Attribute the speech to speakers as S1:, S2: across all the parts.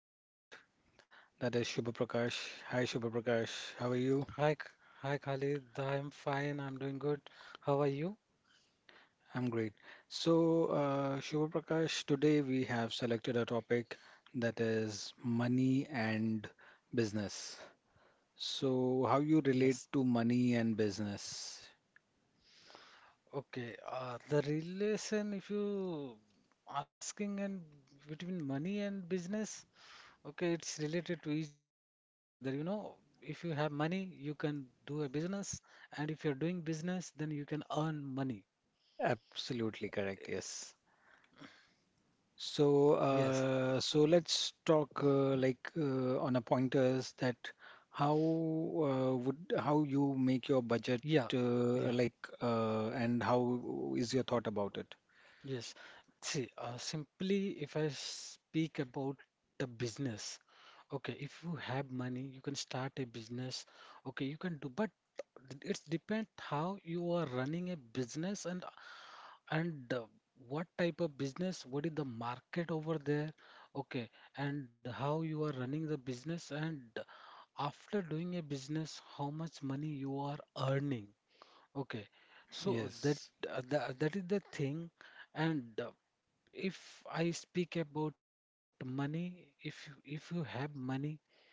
S1: co-host that is Shubha Prakash. Hi Shubha Prakash, how are you?
S2: Hi, K- hi Khalid. I'm fine. I'm doing good. How are you?
S1: I'm great. Shubha Prakash, today we have selected a topic that is money and business. So how you relate
S2: Yes.
S1: to money and business?
S2: Okay. The relation, if you asking and between money and business, okay, it's related to each other. You know, if you have money, you can do a business, and if you're doing business, then you can earn money.
S1: Absolutely correct. Yes. So,
S2: Yes.
S1: uh, so let's talk like on a pointers that how would how you make your budget
S2: Yeah. Yeah.
S1: like and how is your thought about it?
S2: Yes. See, simply if I speak about the business. Okay, if you have money, you can start a business. Okay, you can do, but it's depend how you are running a business and what type of business, what is the market over there? Okay, and how you are running the business, and after doing a business, how much money you are earning. Okay, so that
S1: Yes.
S2: that is the thing. And If I speak about money, if you have money,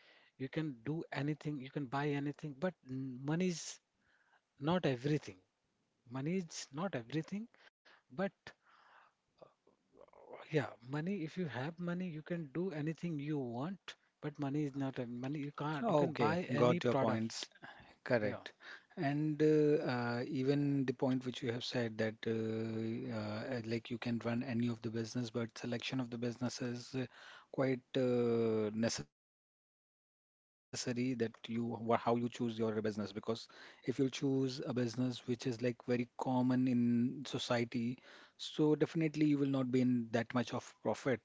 S2: you can do anything, you can buy anything, but money is not everything. Money is not everything, but yeah, money, if you have money, you can do anything you want, but money is not, money, you can't, you can
S1: Okay,
S2: buy any
S1: got your point.
S2: products. Yeah.
S1: Correct. And even the point which you have said that like you can run any of the business, but selection of the business is quite necessary that how you choose your business because if you'll choose a business which is like very common in society, so definitely you will not be in that much of profit.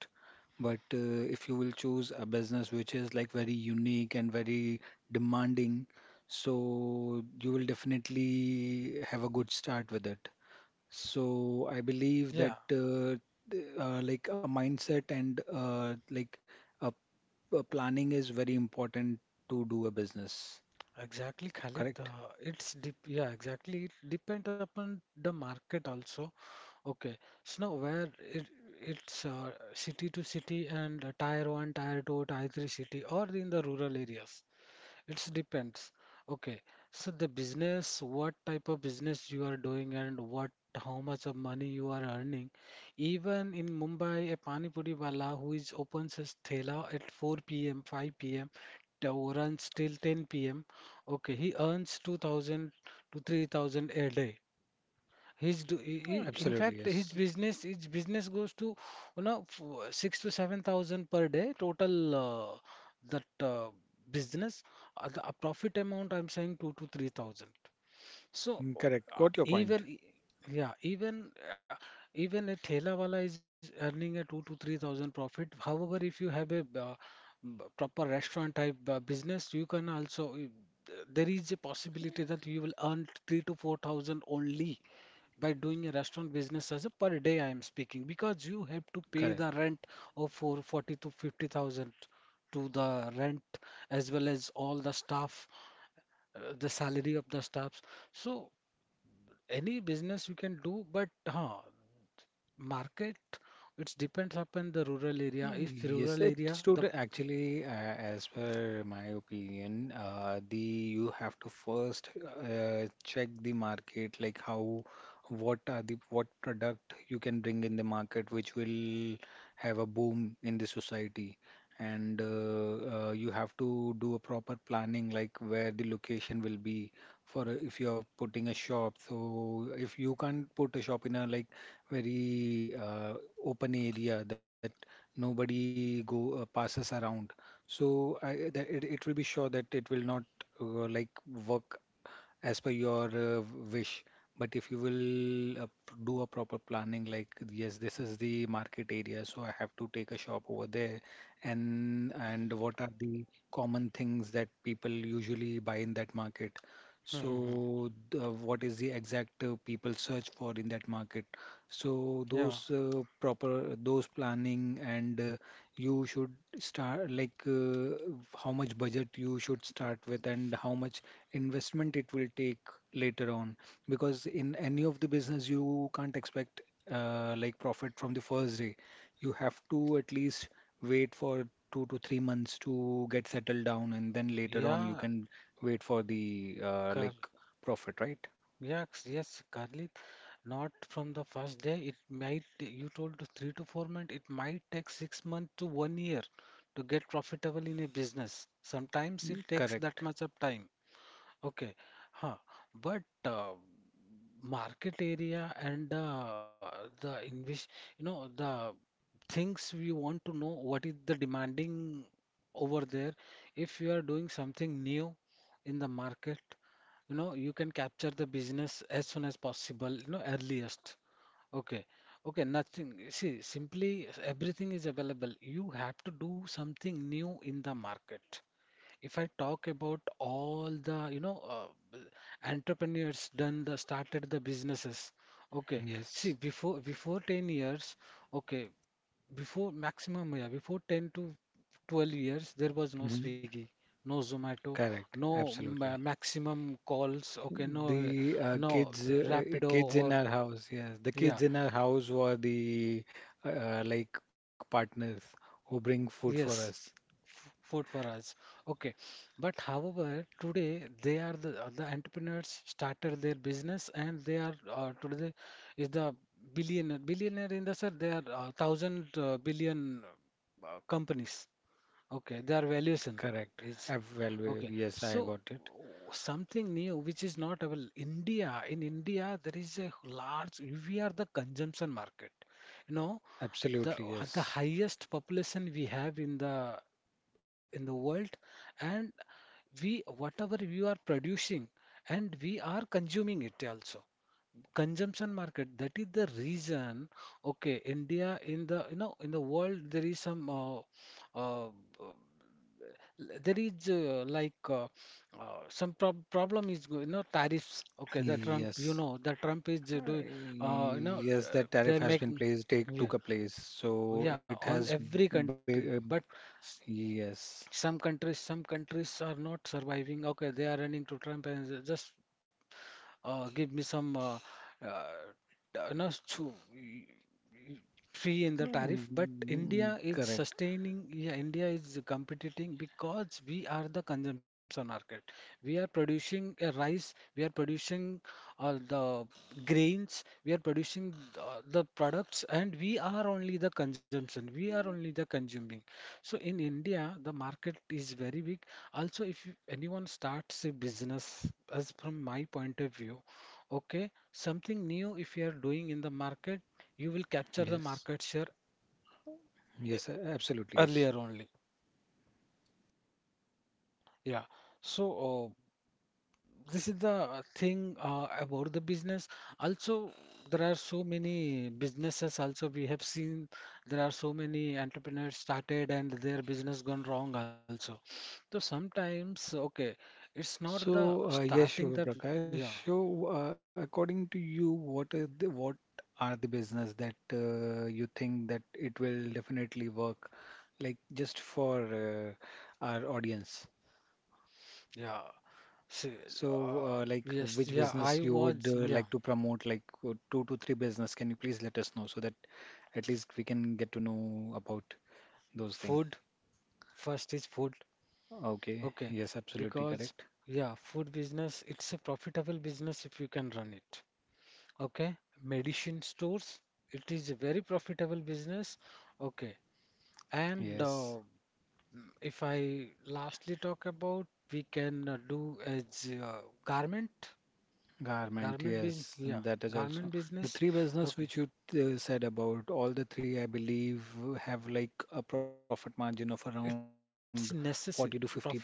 S1: But if you will choose a business which is like very unique and very demanding, so you will definitely have a good start with it. So I believe that
S2: Yeah,
S1: like a mindset and like a, a planning is very important to do a business.
S2: exactly, Khalid.
S1: Correct?
S2: Exactly. It depends upon the market also. Okay, so now where it it's city to city and tier one, tier two, tier three city, or in the rural areas. It depends. Okay. So the business, what type of business you are doing, and what how much of money you are earning. Even in Mumbai, a pani puri wala who is opens his thela at 4 p.m., 5 p.m. to runs till 10 p.m. Okay, he earns 2,000 to 3,000 a day. His do, he- in
S1: Absolutely,
S2: fact his
S1: yes.
S2: business goes to six to seven thousand per day total, that business, the profit amount I'm saying two to three thousand. So
S1: Mm, correct. Got your point.
S2: even I- yeah even even a thela wala is earning a two to three thousand profit. However, if you have a proper restaurant type business, you can also, there is a possibility that you will earn three to four thousand only by doing a restaurant business as a per day I am speaking, because you have to pay
S1: Correct.
S2: the rent of for 40 to 50 thousand to the rent, as well as all the staff, the salary of the staffs. So any business you can do, but market, it depends upon the rural area, if
S1: Yes,
S2: rural area
S1: it's true.
S2: the.
S1: That Actually, as per my opinion, the you have to first check the market, like how, what are the what product you can bring in the market, which will have a boom in the society, and you have to do a proper planning, like where the location will be. For if you're putting a shop, so if you can't put a shop in a like very open area that nobody go passes around. It will be sure that it will not like work as per your wish. But if you will do a proper planning, like yes, this is the market area, so I have to take a shop over there, and what are the common things that people usually buy in that market?
S2: Hmm, hmm, hmm.
S1: What is the exact people search for in that market? So
S2: Yeah,
S1: those proper those planning and you should start like how much budget you should start with and how much investment it will take later on because in any of the business you can't expect like profit from the first day. You have to at least wait for 2 to 3 months to get settled down and then later on you
S2: yeah.
S1: can wait for the like profit, right?
S2: Yes, yes, Carly. Not from the first day. It might, you told 3 to 4 months, it might take 6 months to 1 year to get profitable in a business. Sometimes it
S1: Mm,
S2: takes that
S1: correct.
S2: much of time. Okay, huh. But market area, and the invest, you know, the things we want to know, what is the demanding over there. If you are doing something new in the market, you know, you can capture the business as soon as possible, you know, earliest. Okay, okay, nothing, see, simply everything is available, you have to do something new in the market. If I talk about all the, you know, entrepreneurs done the started the businesses, okay, see
S1: Yes.
S2: before 10 years, okay, before maximum, yeah, before 10 to 12 years, there was no Swiggy, no Zomato,
S1: Correct,
S2: no
S1: absolutely.
S2: ma- maximum calls, okay, no,
S1: The
S2: no Rapido,
S1: kids in
S2: or
S1: our house, yes, the
S2: yeah,
S1: kids in our house were the like partners who bring food for
S2: yes,
S1: us.
S2: food for us, okay. But however, today they are the entrepreneurs started their business, and they are, today is the billionaire, billionaire in the sense they are, thousand billion companies, okay, their valuation
S1: Correct.
S2: is. Okay,
S1: Yes, I
S2: so
S1: got it.
S2: something new which is not available. India, in India, there is a large, we are the consumption market. You know, the
S1: Absolutely,
S2: the
S1: yes,
S2: highest population we have in the world, and we whatever we are producing, and we are consuming it also, consumption market, that is the reason. Okay, India, in the, you know, in the world there is some, uh, there is, some problem is you know, tariffs. Okay, the Trump, you
S1: yes.
S2: know, the Trump is
S1: Uh,
S2: doing, uh, you know
S1: yes. That tariff
S2: they're
S1: has been
S2: making,
S1: placed, take
S2: yeah,
S1: took a place, so
S2: yeah,
S1: it
S2: on
S1: has,
S2: every country,
S1: be, uh,
S2: but s-
S1: yes.
S2: some countries, are not surviving. Okay, they are running to Trump and just, give me some, no, so y- free
S1: Mm,
S2: in the
S1: mm,
S2: tariff. But
S1: mm, mm,
S2: India is
S1: correct.
S2: sustaining. Yeah, India is competing because we are the consumption market. We are producing a rice. We are producing, the grains. We are producing the, products, and we are only the consumption. We are only the consuming. So in India, the market is very big. Also, if you- anyone starts a business, as from my point of view, okay, something new, if you are doing in the market, you will capture the
S1: Yes,
S2: market share
S1: yes, absolutely, yes.
S2: earlier only. Yeah. So, this is the thing about the business. Also, there are so many businesses also we have seen. There are so many entrepreneurs started and their business gone wrong also. So sometimes, okay, it's not the
S1: So, yes,
S2: starting
S1: Shubha
S2: the, yeah,
S1: Prakash. So, according to you, what are the business that you think that it will definitely work, like just for uh, our audience?
S2: yeah. See,
S1: So,
S2: uh,
S1: like
S2: yes,
S1: which
S2: yeah,
S1: business
S2: I
S1: you would
S2: was, yeah,
S1: like to promote, like two to three business? Can you please let us know so that at least we can get to know about those things?
S2: food, first is food,
S1: Okay.
S2: okay,
S1: Yes, absolutely
S2: because
S1: correct.
S2: yeah, food business, it's a profitable business if you can run it, okay. Medicine stores, it is a very profitable business, okay. And
S1: Yes.
S2: if I lastly talk about, we can do as, garment,
S1: Garment,
S2: garment business,
S1: yes,
S2: yeah,
S1: that is also
S2: garment
S1: the
S2: business,
S1: three business
S2: okay.
S1: which you said about. All the three, I believe, have like a profit margin of
S2: It's
S1: around
S2: necessary.
S1: 40 to
S2: Profit
S1: 50%.
S2: margin and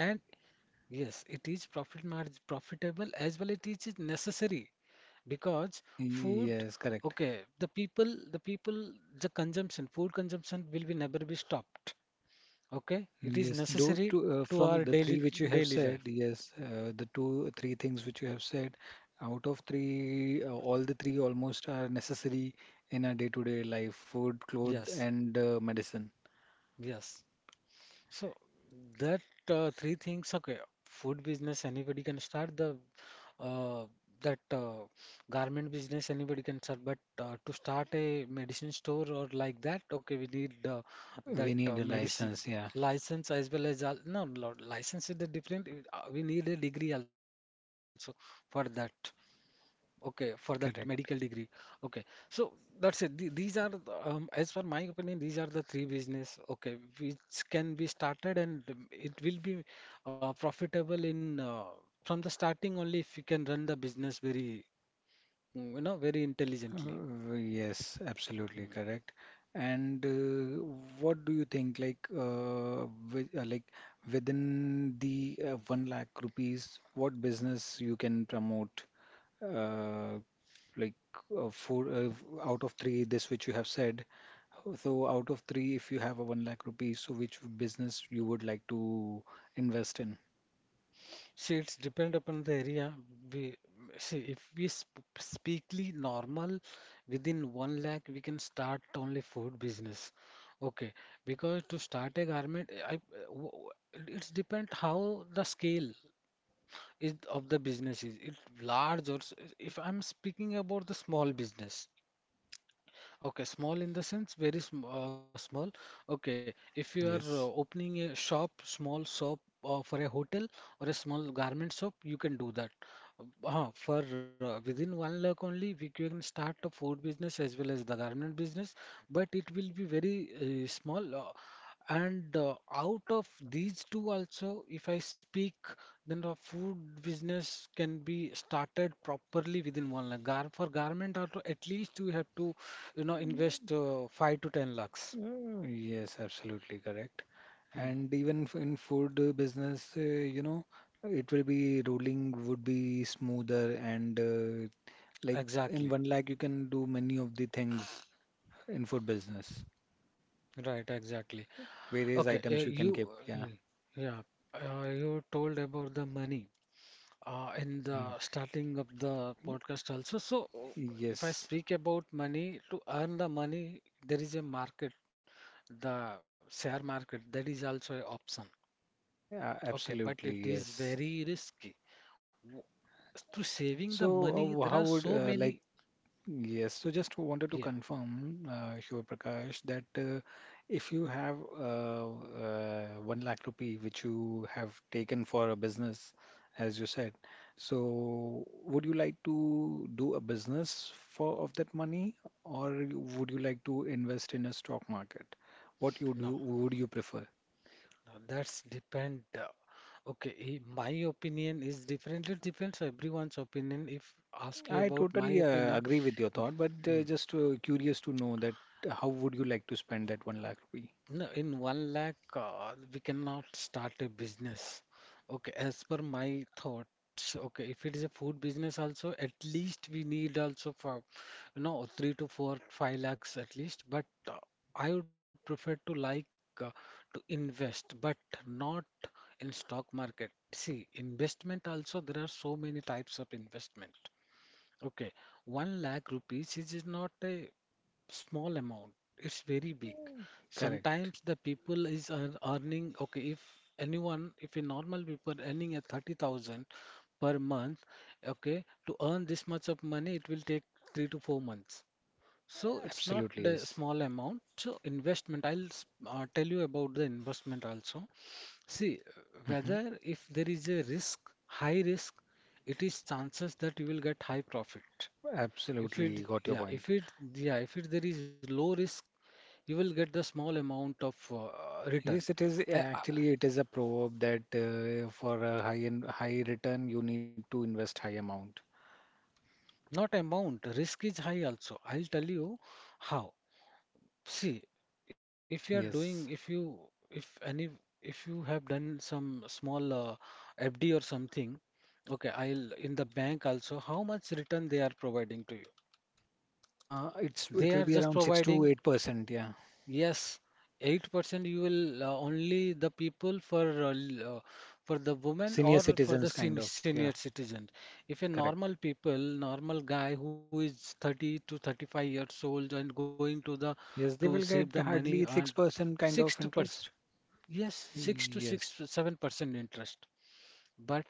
S2: yes, it is profit margin profitable as well, it is necessary because food,
S1: Yes,
S2: okay,
S1: correct.
S2: the people, the consumption, food consumption will be never be stopped, okay, it is
S1: Yes, do
S2: necessary
S1: to
S2: to
S1: from
S2: our
S1: the
S2: daily,
S1: three which you have said,
S2: life.
S1: yes, the two three things which you have said, out of three, all the three almost are necessary in our day-to-day life: food, clothes,
S2: Yes.
S1: and medicine.
S2: Yes. So that, three things, okay, food business anybody can start the, uh, that garment business anybody can start, but to start a medicine store or like that, okay, we need,
S1: Yeah, we
S2: that
S1: need a
S2: medicine
S1: license, yeah,
S2: license, as well as no, license is the different. We need a degree also for that. Okay, for that medical
S1: correct.
S2: degree. Okay, so that's it. These are, the, as per my opinion, these are the three business, okay, which can be started, and it will be profitable in, from the starting only if you can run the business very, you know, very intelligently.
S1: Yes, absolutely
S2: Hmm.
S1: correct. And what do you think, like, with, like within the one lakh rupees, what business you can promote? Uh, like four out of three, this which you have said. So out of three, if you have a one lakh rupees, so which business you would like to invest in?
S2: See, it's depend upon the area. We see, if we sp speakly normal, within one lakh, we can start only food business. Okay, because to start a garment, eh, it's depend how the scale is of the business is. It large or if I'm speaking about the small business. Okay, small in the sense very sm small. Okay, if
S1: Yes.
S2: you are opening a shop, small shop for a hotel or a small garment shop, you can do that. For Within one lakh only, we can start a food business as well as the garment business, but it will be very small. And Out of these two also, if I speak, then the food business can be started properly within one lakh. Gar for garment also, at least you have to, you know, invest five to ten lakhs.
S1: Yes, absolutely correct.
S2: Hmm.
S1: And even in food business, you know, it will be rolling would be smoother and like in
S2: Exactly.
S1: one lakh you can do many of the things in food business.
S2: Right, exactly.
S1: Various
S2: Okay,
S1: items you can keep.
S2: uh,
S1: Yeah.
S2: yeah, you told about the money in
S1: Mm.
S2: the starting of the podcast also. So, if I
S1: Yes.
S2: speak about money, to earn the money, there is a market. The share market, that is also an option.
S1: Yeah,
S2: Okay, but it
S1: absolutely.
S2: is
S1: Yes.
S2: very risky. W- To saving the money,
S1: So
S2: there are
S1: how
S2: so
S1: would
S2: many.
S1: like Yes, so just wanted
S2: Yeah,
S1: to confirm, Shiva Prakash, that if you have one lakh rupee which you have taken for a business, as you said, so would you like to do a business for of that money, or would you like to invest in a stock market?
S2: no,
S1: Would you prefer?
S2: no, that's depend. Okay, my opinion is different. It depends everyone's opinion. If ask you
S1: I
S2: about my
S1: totally
S2: opinion,
S1: agree with your
S2: i-
S1: thought, but
S2: hmm,
S1: just curious to know that how would you like to spend that one lakh rupee?
S2: no, in one lakh, we cannot start a business. Okay, as per my thoughts, okay, if it is a food business also, at least we need also for. No, three to four, five lakhs at least. But I would prefer to like, uh, to invest, but not in stock market. See, investment also, there are so many types of investment. Okay, one lakh rupees is not a small amount. It's very big.
S1: Correct.
S2: Sometimes the people is earning. Okay, if anyone, if a normal people earning a 30,000 per month, okay, to earn this much of money, it will take 3 to 4 months. So it's not
S1: Absolutely,
S2: the
S1: yes.
S2: small amount. So investment, I'll tell you about the investment also. See,
S1: Hmm.
S2: whether if there is a risk, high risk, it is chances that you will get high profit.
S1: Absolutely, got your point.
S2: If it there is low risk, you will get the small amount of return.
S1: Yes, it is
S2: I, I,
S1: actually it is a proverb that for a high return you need to invest high amount.
S2: not amount, risk is high also. I'll tell you how. See, if you
S1: Yes,
S2: are doing, if any, if you have done some small FD or something, okay, I'll in the bank also, how much return they are providing to you?
S1: it
S2: They
S1: will
S2: are
S1: be
S2: just
S1: around six to
S2: providing,
S1: eight percent. Yeah,
S2: yes, 8% you will only the people for for the women
S1: senior
S2: or for the
S1: citizens kind of. Yeah,
S2: senior citizen. If a
S1: correct.
S2: normal people, normal guy who is 30 to 35 years old and going to the to
S1: Yes, they
S2: save
S1: will
S2: the
S1: get
S2: money and
S1: hardly 6% kind of
S2: 60%.
S1: interest.
S2: Yes, 6 to
S1: Yes,
S2: 7% interest. But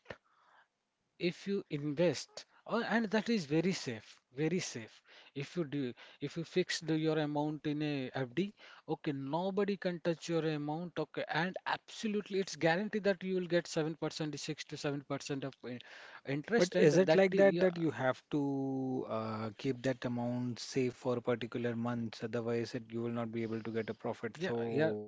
S2: if you invest, oh, and that is very safe, very safe. If you do, if you fix your amount in a FD, okay, nobody can touch your amount, okay, and absolutely it's guaranteed that you will get 7%, 6 to 7% of
S1: but
S2: interest, and
S1: is it
S2: that,
S1: like that
S2: yeah,
S1: that you have to keep that amount safe for particular months? Otherwise, it you will not be able to get a profit.
S2: yeah, yeah,
S1: So.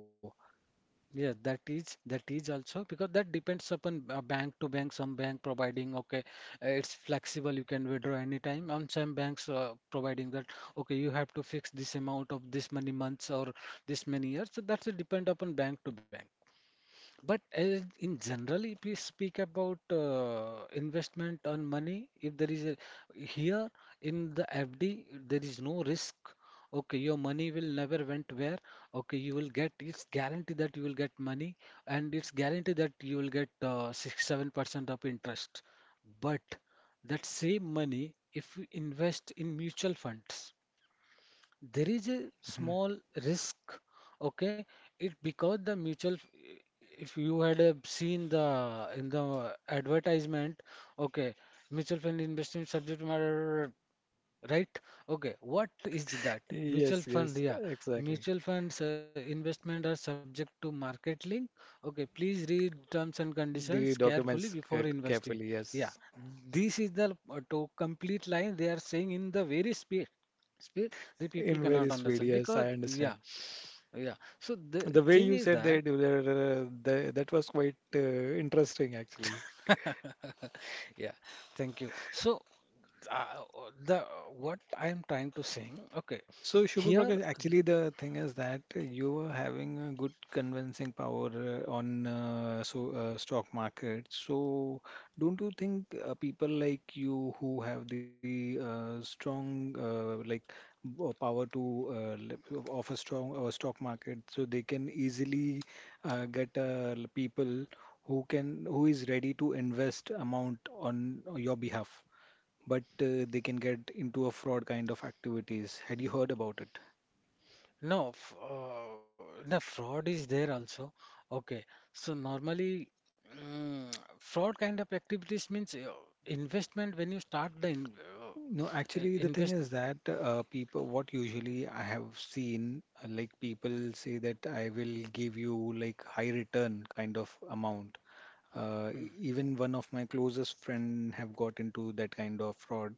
S2: yeah, that is also because that depends upon bank to bank. Some bank providing okay, it's flexible. You can withdraw anytime. On some banks providing that okay, you have to fix this amount of this many months or this many years. So that's a depend upon bank to bank. But as in general, if we speak about investment on money, if there is a here in the FD, there is no risk. Okay, your money will never went where. Okay, you will get it's guaranteed that you will get money, and it's guaranteed that you will get 6 7% of interest. But that same money, if you invest in mutual funds there is a small risk, okay, it because the mutual f- if you had seen the in the advertisement, okay, mutual fund investment subject matter, right, okay, what is that, mutual
S1: Yes,
S2: fund,
S1: yes,
S2: yeah,
S1: exactly.
S2: mutual funds investment are subject to market link, okay, please read terms and
S1: The
S2: conditions carefully
S1: documents
S2: before investing,
S1: carefully,
S2: yeah,
S1: yes.
S2: this is the to complete line they are saying in the very speed. The
S1: In
S2: people
S1: very
S2: cannot
S1: speed,
S2: understand
S1: yes, I
S2: because
S1: understand.
S2: yeah yeah. So the
S1: The way
S2: thing
S1: you
S2: is
S1: said
S2: that
S1: that, that was quite interesting, actually.
S2: yeah, thank you. So the what I am trying to saying, okay
S1: So, Shubha
S2: here,
S1: Prakash, actually, the thing is that you are having a good convincing power on stock market. So, don't you think people like you who have the strong like power to of a strong stock market, so they can easily get people who can who is ready to invest amount on your behalf? But they can get into a fraud kind of activities. Had you heard about it?
S2: no no fraud is there also, okay, so normally, mm, fraud kind of activities means investment when you start
S1: No,
S2: uh,
S1: actually, the thing
S2: invest.
S1: is that people, what usually I have seen, like people say that I will give you like high return kind of amount. Uh,
S2: Hmm,
S1: even one of my closest friend have got into that kind of fraud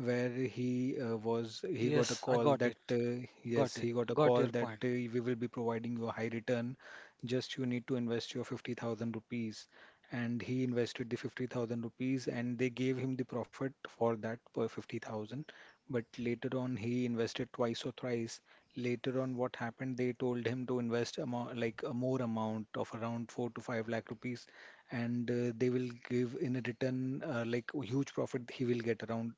S1: where he got
S2: yes
S1: a
S2: I
S1: call
S2: got
S1: that
S2: it, got it,
S1: he got a
S2: got
S1: call
S2: your
S1: that
S2: point,
S1: we will be providing you a high return, just you need to invest your 50,000 rupees. And he invested the 50,000 rupees and they gave him the profit for that per 50,000, but later on he invested twice or thrice. Later on what happened, they told him to invest amount, like a more amount of around 4 to 5 lakh rupees, and they will give in a return like huge profit. He will get around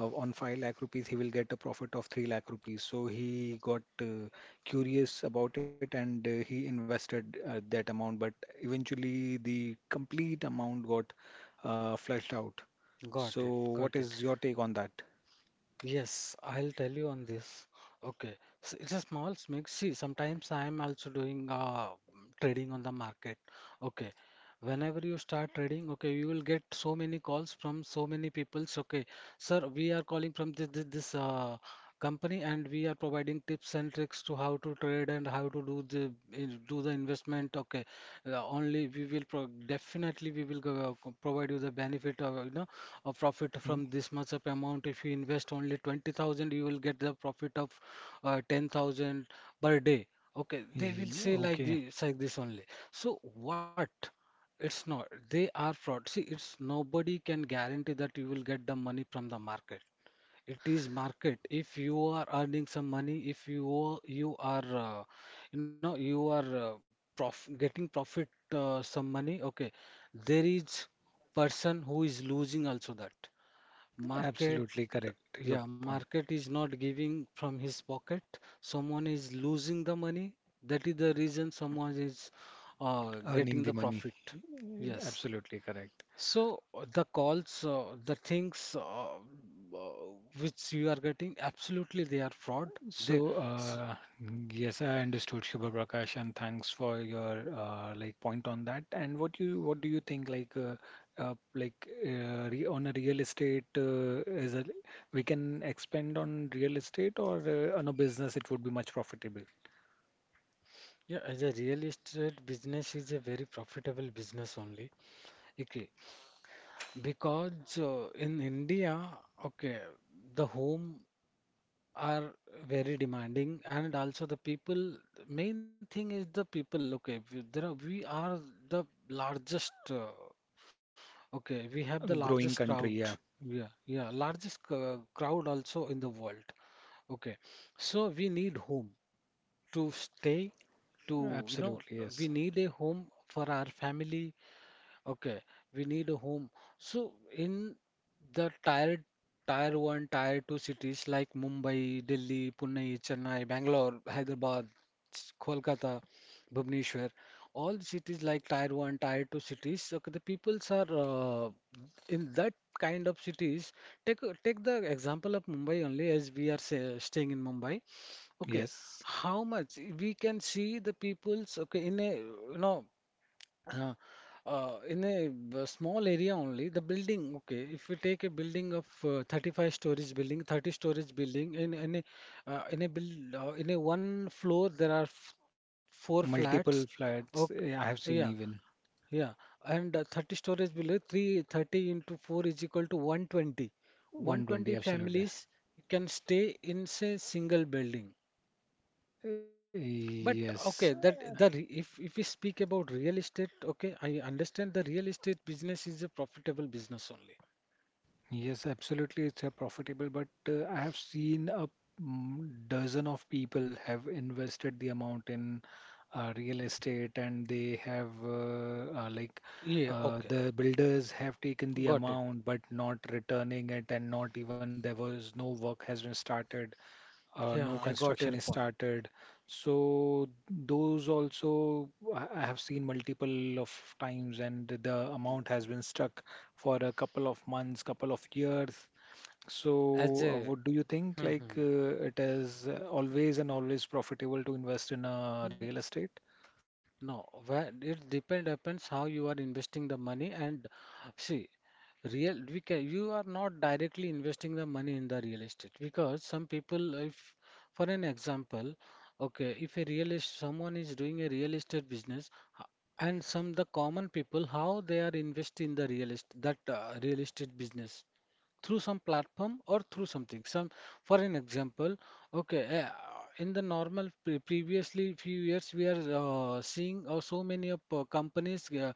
S1: on 5 lakh rupees he will get a profit of 3 lakh rupees. So he got curious about it and he invested that amount, but eventually the complete amount got flushed out. So
S2: got it,
S1: what
S2: got
S1: is
S2: it.
S1: your take on that?
S2: Yes, I'll tell you on this. Okay, so it's a small mix. See, sometimes I'm also doing trading on the market. Okay, whenever you start trading, okay, you will get so many calls from so many peoples. Okay, sir, we are calling from this company, and we are providing tips and tricks to how to trade and how to do do the investment. Okay, only we will pro definitely we will provide you the benefit of you know a profit
S1: Y-
S2: from this much of amount. If you invest only 20,000, you will get the profit of 10,000 per day. Okay, they will say
S1: Okay,
S2: like this only. So what? It's not. They are fraud. See, it's nobody can guarantee that you will get the money from the market. It is market. If you are earning some money, if you are- you are, you know, you are prof getting profit some money. Okay, there is person who is losing also that. Market,
S1: absolutely correct. Your
S2: yeah,
S1: point.
S2: market is not giving from his pocket. Someone is losing the money. That is the reason someone is
S1: Earning
S2: getting
S1: the
S2: the
S1: money.
S2: profit. Yes.
S1: Absolutely correct.
S2: So the calls, the things which you are getting, absolutely they are fraud. They,
S1: So,
S2: s-
S1: yes, I understood Shubha Prakash, and thanks for your like point on that. And what do you think like re on a real estate is a we can expand on real estate or on a business it would be much profitable.
S2: Yeah, as a real estate business is a very profitable business only. Okay, because in India, okay, the home. Are very demanding and also the people, the main thing is the people, okay, there are, we are the largest okay we have the largest
S1: Growing
S2: crowd,
S1: country, yeah,
S2: yeah, yeah, largest crowd also in the world, okay, so we need home to stay to you know,
S1: absolutely,
S2: we
S1: yes,
S2: need a home for our family. Okay, we need a home. So in the tier one, tier two cities like Mumbai, Delhi, Pune, Chennai, Bangalore, Hyderabad, Kolkata, Bhubaneswar, all the cities like tier one, tier two cities. Okay, the peoples are in that kind of cities. Take the example of Mumbai only, as we are say, staying in Mumbai. Okay,
S1: yes.
S2: how much we can see the peoples? Okay, in a you know. Uh, in a small area only, the building, okay, if we take a building of 35 storage building, 30 storage building, in a one floor, there are f four flats.
S1: Multiple
S2: Okay,
S1: flats, eh, I have
S2: yeah,
S1: seen even
S2: yeah. And 30 storage below 330 into 4 is equal to 120. 120
S1: 120, absolutely.
S2: families can stay in say single building. But okay,
S1: Yes.
S2: if we speak about real estate, okay, I understand the real estate business is a profitable business only.
S1: Yes, absolutely. It's a profitable, but I have seen a dozen of people have invested the amount in real estate, and they have like
S2: Yeah, okay,
S1: the builders have taken the
S2: got it.
S1: amount, but not returning it, and not even there was no work has been started, no
S2: Yeah, I got
S1: construction is
S2: your point.
S1: started. So those also I have seen multiple of times, and the amount has been stuck for a couple of months, couple of years. So
S2: As
S1: what do
S2: a
S1: you think? Like
S2: hmm, hmm,
S1: it is always and always profitable to invest in real
S2: hmm.
S1: estate?
S2: No, where it depend depends how you are investing the money and see, real we can you are not directly investing the money in the real estate because some people if, for an example, okay, if a real est someone is doing a real estate business, h- and some the common people how they are invest in the real estate, that real estate business through some platform or through something some, for an example, okay uh, in the normal previously few years we are seeing so many of companies uh,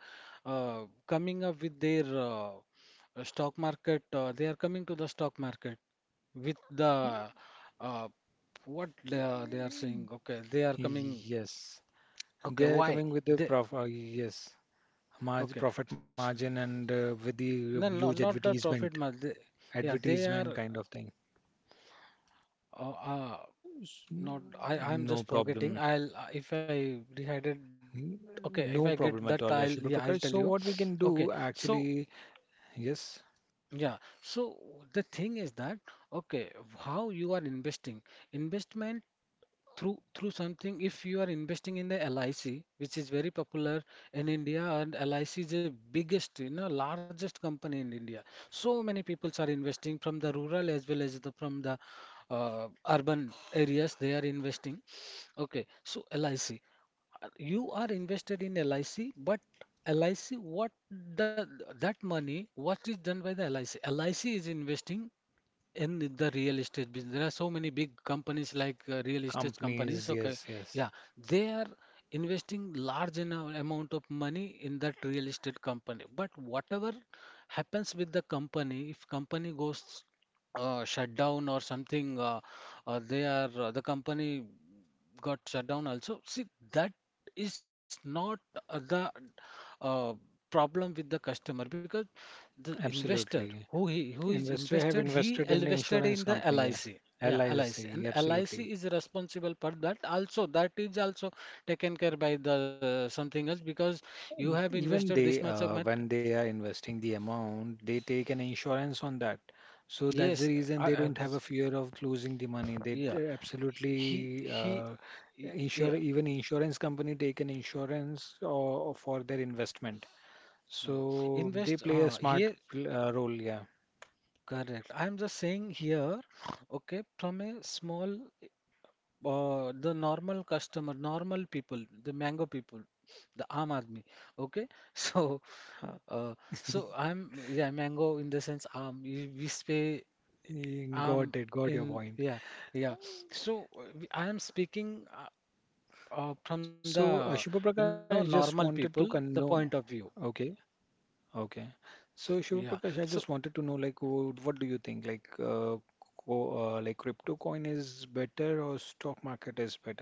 S2: uh, coming up with their stock market, they are coming to the stock market with the uh, what they are saying okay they are coming,
S1: Yes,
S2: okay
S1: they're
S2: why
S1: coming with the
S2: they,
S1: prof yes, margin,
S2: okay
S1: profit margin, and with
S2: no,
S1: the
S2: not not
S1: huge
S2: the profit margin.
S1: advertisement,
S2: They, yeah they are
S1: advertisement kind of thing.
S2: uh, uh,
S1: S-
S2: not. I'm just
S1: No
S2: forgetting.
S1: problem.
S2: I'll if I decided
S1: N-
S2: okay, if I
S1: No
S2: get that
S1: problem at all,
S2: I'll, yeah,
S1: Yashupa
S2: I'll tell
S1: Prakash.
S2: you.
S1: So what we can
S2: Okay.
S1: do
S2: So
S1: actually, yes,
S2: yeah. So the thing is that, okay, how you are investing. Investment through something, if you are investing in the LIC, which is very popular in India, and LIC is the biggest you know largest company in India. So many people are investing from the rural as well as the from the urban areas, they are investing, okay, so LIC, you are invested in LIC, but LIC, what, the, that money, what is done by the LIC, LIC is investing in the real estate business. There are so many big companies like real estate companies,
S1: companies,
S2: okay,
S1: yes,
S2: yeah,
S1: yes,
S2: they are investing amount of money in that real estate company, but whatever happens with the company, if company goes shut down or something, the company got shut down also. See, that is not the uh, problem with the customer, because the investor
S1: absolutely.
S2: who he who is
S1: Investor
S2: invested,
S1: have
S2: he
S1: invested in the
S2: invested in
S1: insurance
S2: the
S1: company, yeah.
S2: LIC. Yeah, LIC. And
S1: LIC,
S2: LIC
S1: absolutely.
S2: is responsible for that also. That is also taken care by the something else because you have
S1: Mm,
S2: invested
S1: even
S2: this much
S1: they,
S2: amount.
S1: when they are investing the amount, they take an insurance on that. So that's
S2: Yes,
S1: the
S2: I,
S1: reason they
S2: I,
S1: don't have a fear of losing the money. They
S2: yeah. He
S1: absolutely
S2: he yeah.
S1: insure, even insurance company take an insurance for their investment.
S2: Mm.
S1: So
S2: Invest
S1: they play a
S2: here
S1: smart role. Yeah,
S2: Correct. I'm just saying here, okay, from a small, the normal customer, normal people, the mango people, the Aam Aadmi, okay. So, huh, so I'm, yeah, mango in the sense Aam. We say
S1: Got
S2: Aam
S1: it. Got your
S2: in,
S1: point.
S2: yeah, yeah. So I am speaking
S1: So
S2: from the
S1: Shubha Prakash, I
S2: you
S1: just
S2: know
S1: wanted to
S2: normal people,
S1: know.
S2: the point of view.
S1: Okay. Okay. So Shiv Prakash, I
S2: Yeah.
S1: just wanted to
S2: So
S1: know, like, what do you think? Like, co like crypto coin is better or stock market is better?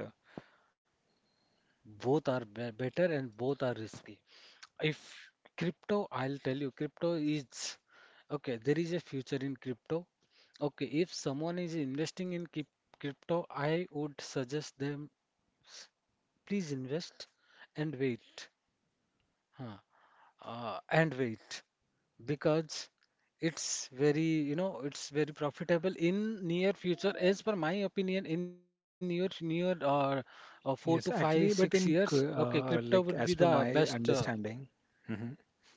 S2: both are be better and both are risky. If crypto, I'll tell you, crypto is, okay, there is a future in crypto. Okay, if someone is investing in crypto, I would suggest them s- please invest and wait. Huh. And wait because it's very, you know, it's very profitable in near future. As per my opinion, in near near four to
S1: Yes,
S2: five, six
S1: actually, but
S2: years,
S1: in
S2: okay, crypto would be
S1: like as
S2: the
S1: per
S2: best.
S1: my understanding.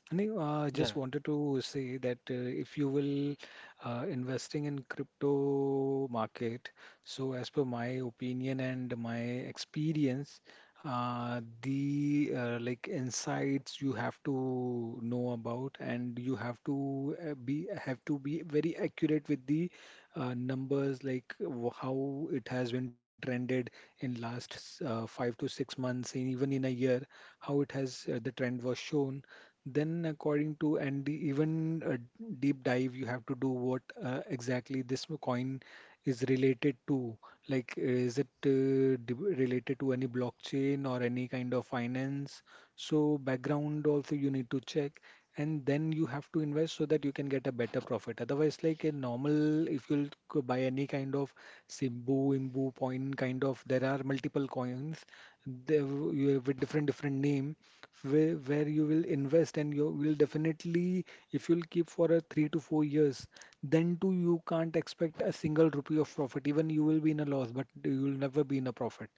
S1: No, I just
S2: Yeah,
S1: wanted to say that if you will investing in crypto market, so as per my opinion and my experience, the like insights you have to know about, and you have to be very accurate with the numbers, like how it has been trended in last 5 to 6 months, and even in a year, how it has the trend was shown then, according to and the even a deep dive, you have to do what exactly this coin is related to. Like, is it related to any blockchain or any kind of finance? So, background also you need to check, and then you have to invest so that you can get a better profit. Otherwise, like a normal, if you'll go buy any kind of Simbu, Imbu, Point kind of, there are multiple coins. They, you have with different different name where you will invest and you will definitely if you'll keep for a 3 to 4 years then too you can't expect a single rupee of profit, even you will be in a loss, but you will never be in a profit.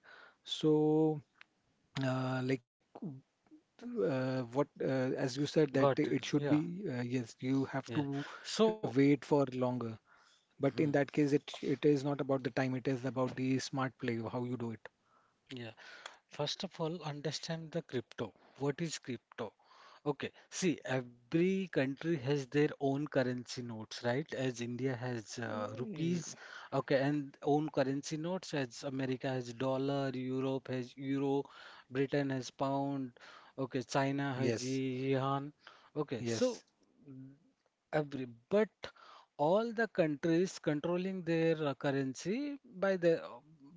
S1: So uh, like what as you said,
S2: got
S1: that
S2: it.
S1: it should
S2: Yeah.
S1: be yes, you have to
S2: Yeah. So,
S1: wait for longer. But in
S2: hmm,
S1: that case, it is not about the time, it is about the smart play, how you do it.
S2: yeah. First of all, understand the crypto. What is crypto? Okay. See, every country has their own currency notes, right? As India has
S1: Y-
S2: rupees, okay, and own currency notes. As America has dollar, Europe has euro, Britain has pound, okay, China has
S1: yes.
S2: yuan. Okay. So.
S1: Yes,
S2: Every but all the countries controlling their currency by the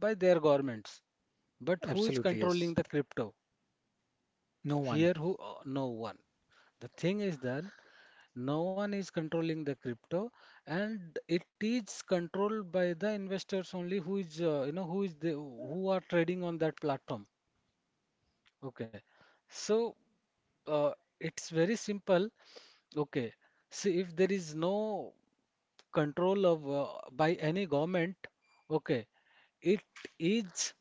S2: by their governments, but who is
S1: absolutely.
S2: controlling
S1: Yes,
S2: the crypto
S1: no one.
S2: here? Who No one. The thing is that no one is controlling the crypto, and it is controlled by the investors only, who is who is the who are trading on that platform. Okay. So uh, it's very simple. Okay, see, if there is no control of by any government, okay, it is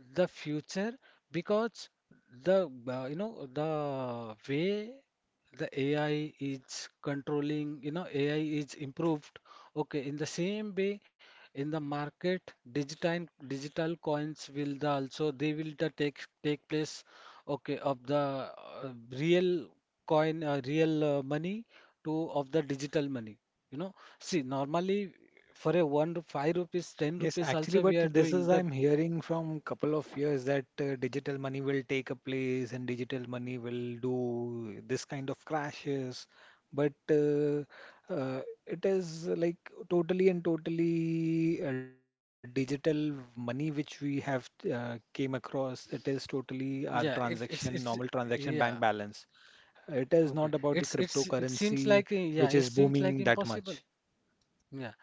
S2: the future. Because the the way the AI is controlling, you know, AI is improved. Okay, in the same way, in the market, digital digital coins will the also they will the take take place, okay, of the real coin real money to of the digital money, you know. See, normally for a five rupees, ten
S1: Yes,
S2: rupees
S1: actually,
S2: also,
S1: but
S2: we are
S1: this is
S2: doing the
S1: I'm hearing from couple of years that digital money will take a place and digital money will do this kind of crashes. But it is like totally and totally digital money which we have came across. It is totally our
S2: yeah it it's
S1: transaction,
S2: it's
S1: normal transaction
S2: yeah.
S1: bank balance. It is
S2: Okay,
S1: not about the
S2: it's it seems
S1: cryptocurrency
S2: like yeah,
S1: which
S2: it
S1: is
S2: seems like
S1: booming that
S2: impossible.
S1: much.
S2: Yeah.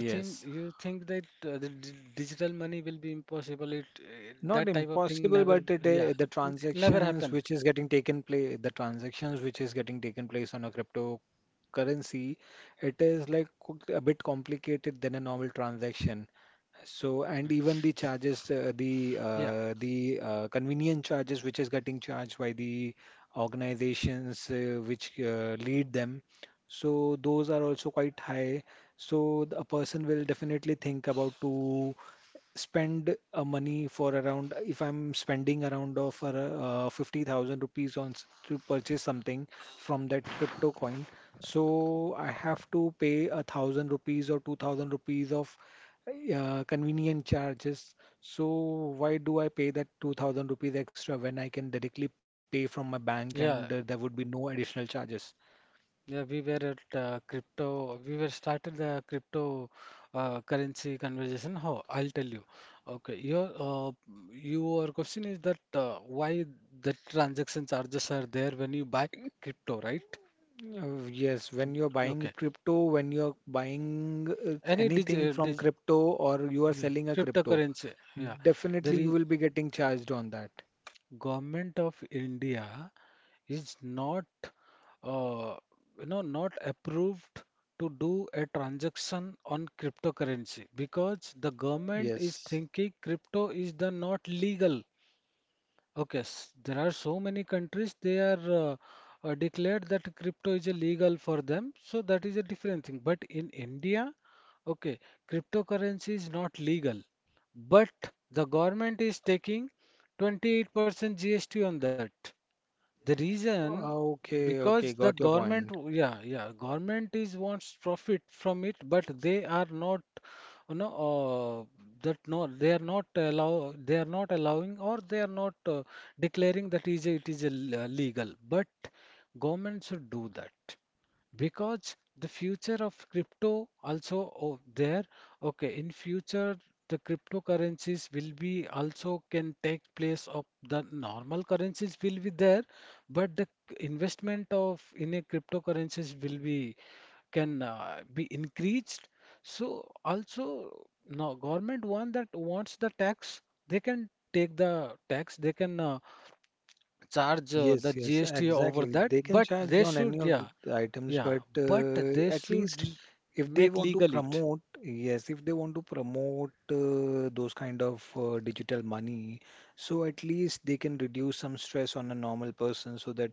S2: you think you think that the d digital money will be impossible? It
S1: Not
S2: that type of thing
S1: impossible,
S2: never.
S1: but it,
S2: Yeah,
S1: the
S2: never
S1: transactions which
S2: happen.
S1: is getting taken place, the transactions which is getting taken place on a cryptocurrency, it is like a bit complicated than a normal transaction. So, and
S2: Hmm.
S1: even the charges,
S2: Yeah,
S1: the convenience charges which is getting charged by the organizations which lead them, so those are also quite high. So a person will definitely think about to spend money for around, if I'm spending around of for 50,000 rupees on to purchase something from that crypto coin, so I have to pay a thousand rupees or 2,000 rupees of convenient charges. So why do I pay that 2,000 rupees extra when I can directly pay from my bank
S2: yeah.
S1: and there would be no additional charges?
S2: Yeah, we were at crypto. We were started the crypto currency conversation. How? I'll tell you. Okay, your question is that why the transaction charges are there when you buy crypto, right?
S1: Yes, when you're buying
S2: Okay,
S1: crypto, when you're buying
S2: any digi
S1: anything from
S2: dig
S1: crypto or you are
S2: yeah,
S1: selling a crypto.
S2: cryptocurrency. Yeah, there
S1: Definitely you
S2: is
S1: will be getting charged on that.
S2: government of India is not uh, not approved to do a transaction on cryptocurrency, because the government is
S1: Yes.
S2: thinking crypto is the not legal. Okay, there are so many countries, they are declared that crypto is illegal for them, so that is a different thing. But in India, okay, cryptocurrency is not legal, but the government is taking 28% GST on that. The reason,
S1: Okay,
S2: because
S1: okay,
S2: the
S1: got your
S2: government,
S1: point.
S2: yeah, yeah, government is wants profit from it, but they are not, you know, that no, they are not allow, they are not allowing, or they are not declaring that is it is a, legal. But government should do that. Because the future of crypto also there, okay, in future the cryptocurrencies will be also can take place of the normal currencies will be there, but the investment of in a cryptocurrencies will be can be increased. So also now government want that wants the tax, they can take the tax, they can charge the
S1: Yes, yes,
S2: GST over
S1: exactly.
S2: that.
S1: They can
S2: But
S1: charge
S2: they
S1: on any
S2: should,
S1: of the
S2: yeah,
S1: items,
S2: yeah,
S1: but
S2: but they
S1: at
S2: should
S1: least if they
S2: make
S1: want to
S2: legal it.
S1: promote, yes, if they want to promote those kind of digital money, so at least they can reduce some stress on a normal person so that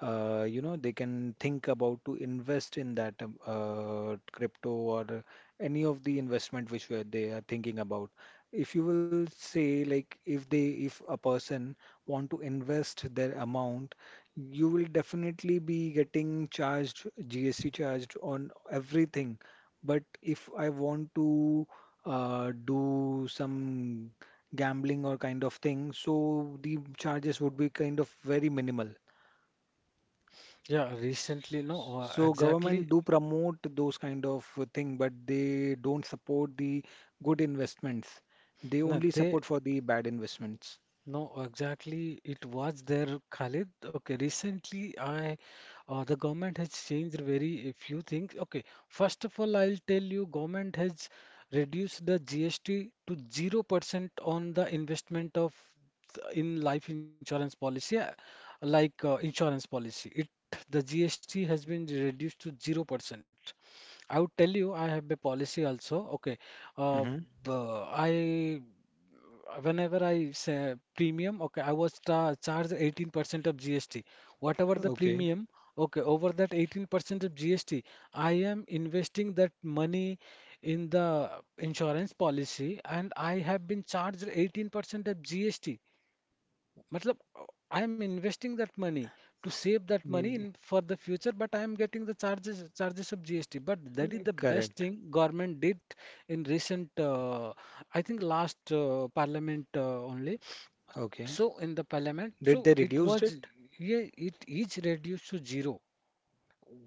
S1: you know they can think about to invest in that crypto or any of the investment which were they are thinking about. If you will say, like, if they if a person want to invest their amount, you will definitely be getting charged GST charged on everything. But if I want to do some gambling or kind of thing, so the charges would be kind of very minimal.
S2: Yeah, recently, no,
S1: So government
S2: exactly.
S1: do promote those kind of thing, but they don't support the good investments. They
S2: No,
S1: only
S2: they,
S1: support for the bad investments.
S2: no, exactly. It was there, Khalid. Okay, recently, I, the government has changed very few things. Okay, first of all, I'll tell you, government has reduced the GST to 0% on the investment of in life insurance policy, like insurance policy. It, the GST has been reduced to 0%. I would tell you I have a policy also. Okay. Uh,
S1: Hmm.
S2: I whenever I say premium, okay, I was ta charged 18% of GST. Whatever the
S1: Okay.
S2: premium, okay, over that 18% of GST, I am investing that money in the insurance policy, and I have been charged 18% of GST, matlab, uh, I am investing that money to save that money
S1: Ye-
S2: in for the future, but I am getting the charges of GST. But that is the best
S1: Correct.
S2: thing government did in recent, I think last parliament only.
S1: Okay.
S2: So in the parliament,
S1: Did
S2: so
S1: they
S2: it
S1: reduced
S2: was
S1: it?
S2: yeah, it is reduced to zero.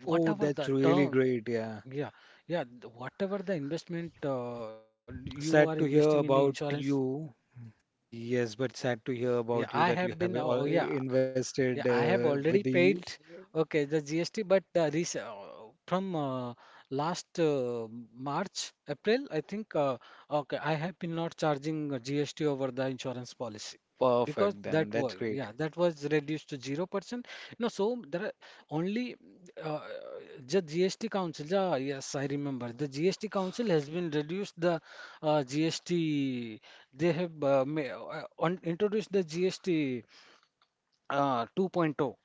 S1: Oh,
S2: Whatever
S1: that's
S2: the
S1: really
S2: term,
S1: great. Yeah.
S2: yeah, yeah, whatever the investment you are
S1: Sad to
S2: investing in
S1: hear
S2: the
S1: about
S2: insurance.
S1: you. Yes, but sad to
S2: Yeah,
S1: hear
S2: I
S1: about
S2: have
S1: you that
S2: been.
S1: you
S2: Oh,
S1: have
S2: oh, yeah,
S1: all
S2: yeah. I
S1: invested
S2: have already
S1: with
S2: paid.
S1: the
S2: Okay, the GST, but the from last March, April, I think. Okay, I have been not charging GST over the insurance policy, because
S1: perfect then.
S2: that
S1: That's
S2: was
S1: great.
S2: yeah, that was reduced to 0%. No, so there are only uh, the GST Council, yeah, yes, I remember. The GST Council has been reduced the GST. They have introduced the GST 2.0.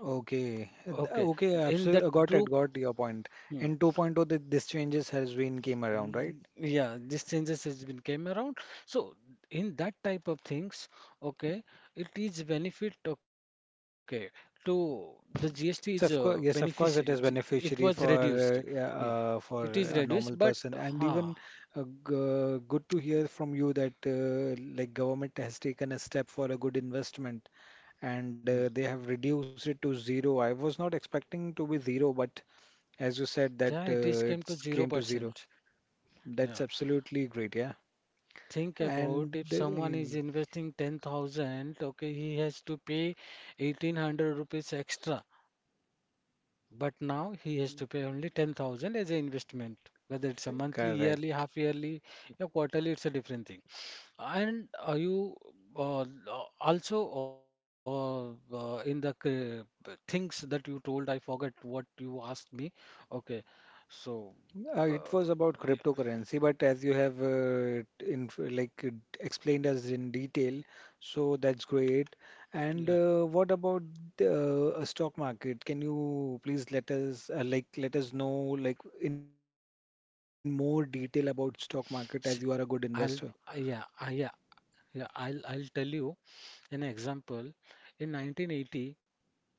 S1: Okay.
S2: Okay,
S1: Okay,
S2: in that
S1: absolutely. Got it.
S2: group,
S1: Got your point.
S2: hmm.
S1: In 2.0, this changes has been came around, right?
S2: Mm, yeah, these changes has been came around. So in that type of things, okay, it is benefit, okay, to the GST is
S1: Yes, of course. Yes, of course, it is
S2: It was
S1: beneficiary for
S2: reduced. Yeah, it
S1: for
S2: is
S1: a
S2: reduced, but
S1: normal person, and
S2: uh,
S1: even good to hear from you that like government has taken a step for a good investment, and they have reduced it to zero. I was not expecting to be zero, but as you said, that
S2: yeah, it is
S1: it
S2: came to
S1: came to zero.
S2: 0%. Yeah.
S1: That's absolutely great. Yeah,
S2: Think about
S1: and
S2: if someone is investing 10,000, okay, he has to pay 1800 rupees extra. But now he has to pay only 10,000 as an investment, whether it's a monthly, yearly,
S1: correct.
S2: half yearly, or quarterly, it's a different thing. And are you uh, also in the things that you told? I forgot what you asked me. Okay, so uh,
S1: It was about
S2: yeah,
S1: cryptocurrency, but as you have in like explained us in detail, so that's great. And
S2: yeah.
S1: what about the, a stock market? Can you please let us like let us know like in more detail about stock market as
S2: S-
S1: you are a good
S2: I'll
S1: investor?
S2: yeah, I, yeah, yeah. I'll tell you an example. In 1980, okay.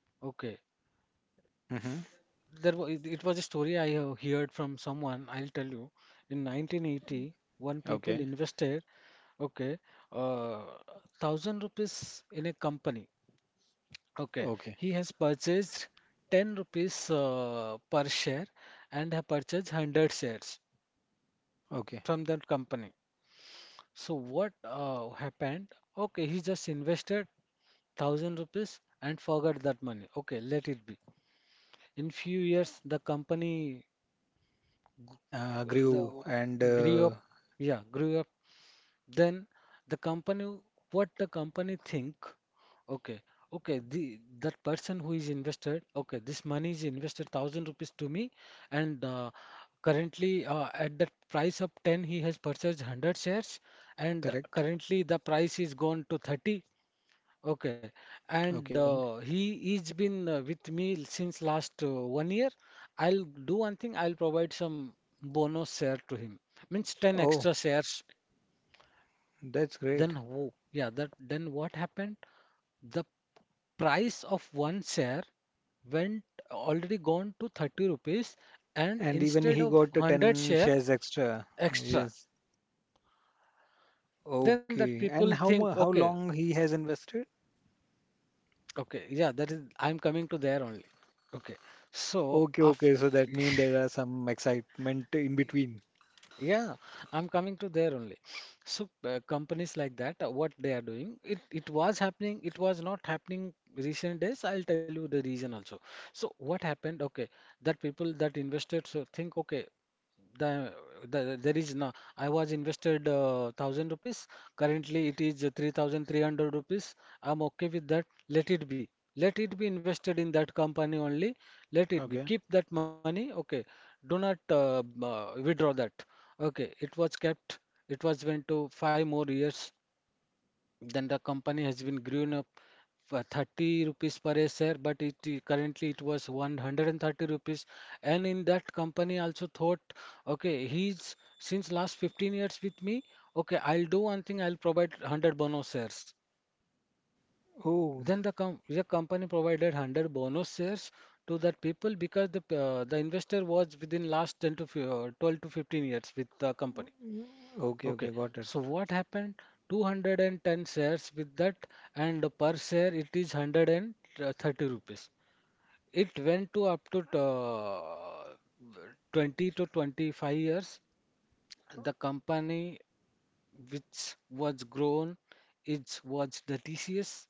S1: Hmm.
S2: There was it was a story I heard from someone. I'll tell you. In 1980, one people
S1: Okay.
S2: invested, okay, uh, thousand rupees in a company. Okay,
S1: Okay,
S2: he has purchased 10 rupees per share, and have purchased 100 shares
S1: okay.
S2: from that company. So what happened? Okay, he just invested 1000 rupees and forgot that money. Okay, let it be. In few years, the company
S1: Grew
S2: the
S1: and
S2: grew up, yeah, grew up. Then the company, what the company think? Okay, okay, the that person who is invested, okay, this money is invested thousand rupees to me, and currently at that price of 10 he has purchased 100 shares, and
S1: correct.
S2: currently the price is gone to 30. Okay, and
S1: Okay.
S2: he he's been with me since last 1 year. I'll do one thing. I'll provide some bonus share to him. Means 10
S1: Oh,
S2: extra shares.
S1: that's great.
S2: Then who? Yeah, that then what happened? The price of one share went already gone to 30 rupees, and
S1: And even
S2: instead
S1: he
S2: of
S1: got
S2: 100
S1: 10
S2: share
S1: shares extra.
S2: extra,
S1: Yes.
S2: then that
S1: Okay.
S2: people
S1: And how
S2: think,
S1: mu how
S2: okay,
S1: long he has invested?
S2: okay, yeah, that is I'm coming to there only. Okay, so
S1: Okay,
S2: after
S1: okay. So that means there are some excitement in between.
S2: yeah, I'm coming to there only. So companies like that, what they are doing, it was happening, it was not happening recent days. I'll tell you the reason also. So what happened? Okay, that people that invested so think, okay, the, the there is no. I was invested thousand rupees. Currently, it is 3,300 rupees. I'm okay with that. Let it be. Let it be invested in that company only. Let it be.
S1: Okay.
S2: Keep that money. Okay. Do not withdraw that. Okay, it was kept. It was went to five more years. Then the company has been grown up for 30 rupees per a share, but it currently it was 130 rupees. And in that company also thought, okay, he's since last 15 years with me. Okay, I'll do one thing. I'll provide 100 bonus shares.
S1: Oh,
S2: Then the company provided 100 bonus shares to that people, because the the investor was within last 10 to 12 to 15 years with the company.
S1: mm, okay,
S2: Okay,
S1: okay, got
S2: so
S1: it.
S2: what happened? 210 shares with that, and per share it is 130 rupees. It went to up to 20 to 25 years. The company which was grown is was the TCS,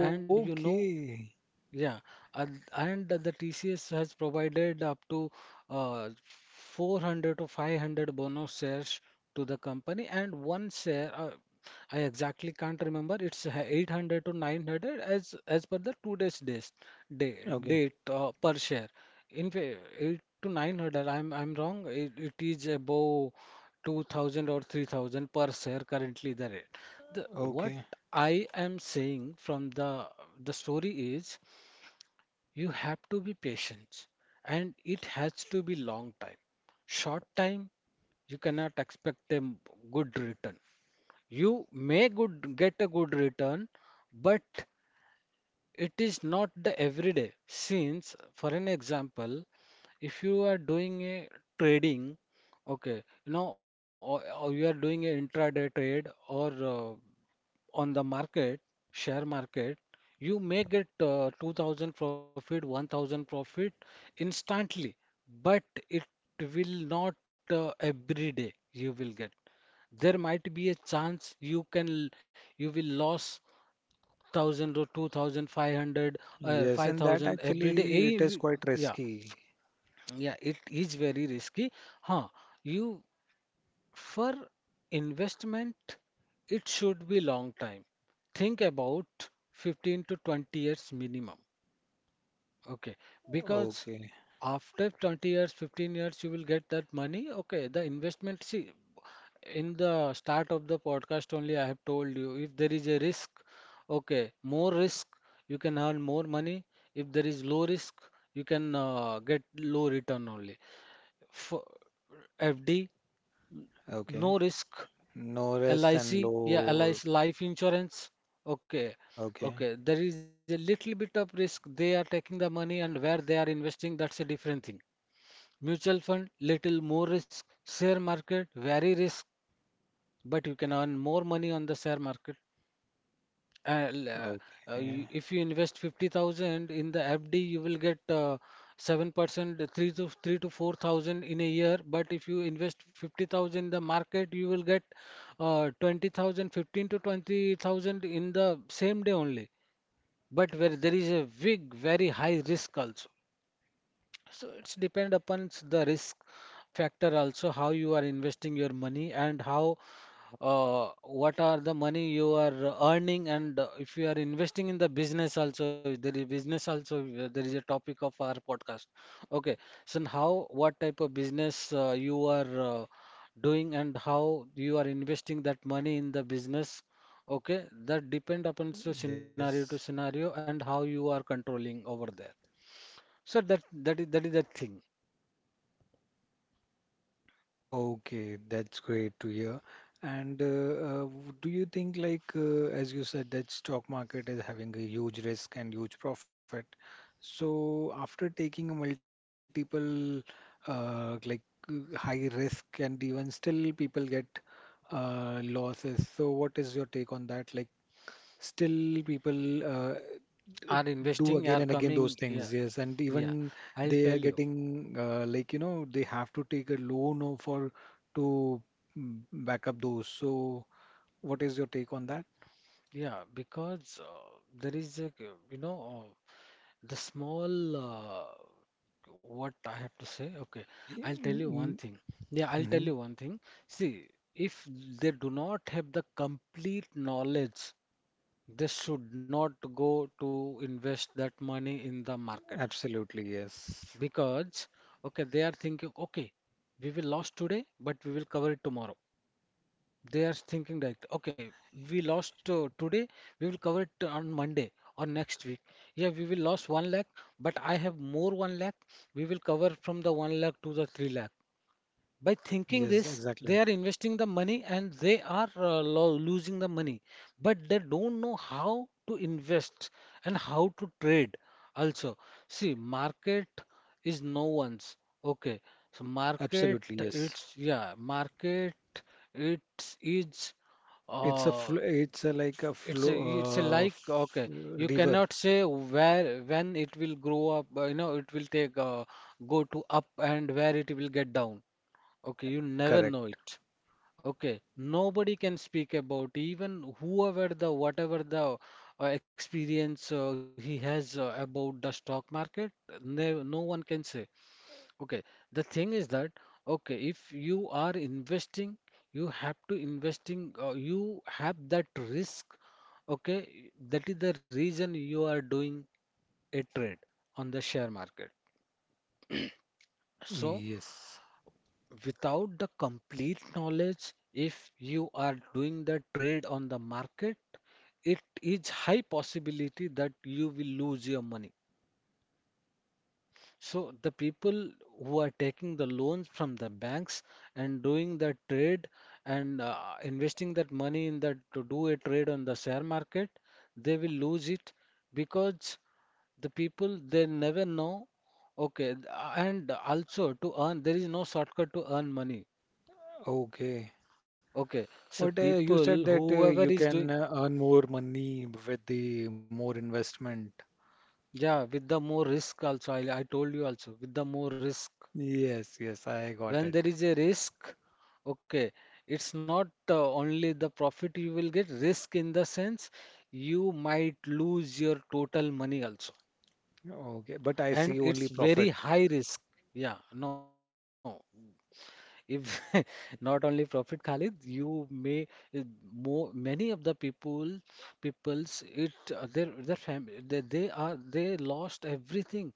S2: and you know.
S1: Okay.
S2: Yeah, and the TCS has provided up to uh, 400 to 500 bonus shares to the company, and one share I exactly can't remember. It's 800 to 900 as per the two days days day, date,
S1: Okay.
S2: per share. In 8 to 900, I'm wrong. It is above 2000 or 3000 per share currently the rate. The what
S1: Okay.
S2: I am saying from the story is you have to be patient, and it has to be long time. Short time, you cannot expect a good return. You may good get a good return, but it is not the everyday. Since, for an example, if you are doing a trading, okay, you know, or you are doing a intraday trade or uh, on the market, share market, you may get 2000 profit, 1000 profit instantly, but it will not every day you will get. There might be a chance you can you will lose 1000 or 2500 or
S1: Yes, and that
S2: 5000 every day.
S1: actually it is
S2: Eh,
S1: quite
S2: yeah,
S1: risky.
S2: yeah, it is very risky. Huh, you for investment, it should be long time. Think about 15 to 20 years minimum. Okay, because
S1: Okay.
S2: after 20 years, 15 years, you will get that money. Okay, the investment, see, in the start of the podcast only, I have told you if there is a risk, okay, more risk, you can earn more money. If there is low risk, you can get low return only. For FD, no
S1: Okay.
S2: risk,
S1: No risk and
S2: LIC, yeah,
S1: low.
S2: LIC life insurance. Okay,
S1: Okay. Okay.
S2: okay. There is a little bit of risk. They are taking the money and where they are investing, that's a different thing. Mutual fund, little more risk. Share market, very risk, but you can earn more money on the share market. Uh, l- uh,
S1: Okay.
S2: you- if you invest 50,000 in the FD, you will get 7%, 3 to 3 to 4,000 in a year. But if you invest 50,000 in the market, you will get 20,000, to 20,000 in the same day only. But where there is a big, very high risk also. So it's depend upon the risk factor also how you are investing your money and how what are the money you are earning. And if you are investing in the business also, there is business also, there is a topic of our podcast. Okay, so how, what type of business you are doing and how you are investing that money in the business. Okay, that depend upon so scenario to
S1: Yes.
S2: scenario and how you are controlling over there. So that is the thing.
S1: Okay, that's great to hear. And do you think, like, as you said, that stock market is having a huge risk and huge profit? So after taking a multiple, uh, like, high risk and even still people get losses. So what is your take on that? Like, still people
S2: Are
S1: do
S2: investing,
S1: again
S2: are
S1: and again
S2: coming.
S1: those things,
S2: Yeah,
S1: yes, and
S2: yeah,
S1: even
S2: I'll
S1: they are
S2: tell you.
S1: getting like you know they have to take a loan or for to, mm, back up those. So what is your take on that?
S2: Yeah, because there is a, the small, what I have to say, okay, I'll tell you one
S1: Mm.
S2: thing. Yeah, I'll tell
S1: Mhm.
S2: you one thing. See, if they do not have the complete knowledge, they should not go to invest that money in the market,
S1: Absolutely yes.
S2: because okay, they are thinking, okay, we will lose today but we will cover it tomorrow. They are thinking like, okay, we lost today, we will cover it on Monday or next week. Yeah, we will lost one lakh, but I have more one lakh. We will cover from the one lakh to the three lakh. By thinking
S1: Yes,
S2: this, they
S1: exactly.
S2: are investing the money and they are lo losing the money, but they don't know how to invest and how to trade. Also, see, market is no one's. Okay, so market,
S1: Absolutely yes.
S2: it's, yeah, market, it's is
S1: it's a
S2: uh,
S1: fl it's a like a
S2: it's a,
S1: flow
S2: it's a like,
S1: f
S2: okay, you
S1: river.
S2: cannot say where, when it will grow up. You know, it will take go to up and where it will get down. Okay, you never know
S1: Correct,
S2: it. Okay, nobody can speak about, even whoever the, whatever the experience he has about the stock market. No, no one can say. Okay, the thing is that, okay, if you are investing, you have to investing. You have that risk. Okay, that is the reason you are doing a trade on the share market. So
S1: yes.
S2: without the complete knowledge, if you are doing the trade on the market, it is high possibility that you will lose your money. So the people who are taking the loans from the banks and doing the trade and investing that money in that to do a trade on the share market, they will lose it because the people they never know. Okay, and also to earn, there is no shortcut to earn money.
S1: Okay.
S2: Okay, so
S1: But you said
S2: people,
S1: that
S2: whoever
S1: you
S2: is
S1: can
S2: doing,
S1: earn more money with the more investment.
S2: yeah, with the more risk also, I told you also, with the more risk.
S1: Yes, yes, I got
S2: When there
S1: it.
S2: is a risk, okay, it's not only the profit you will get. Risk in the sense, you might lose your total money also.
S1: Okay, but I
S2: And
S1: see
S2: it's
S1: only
S2: very
S1: profit.
S2: high risk. Yeah, no. If not only Prophet Khalid, you may uh, more many of the peoples it, their family, they lost everything.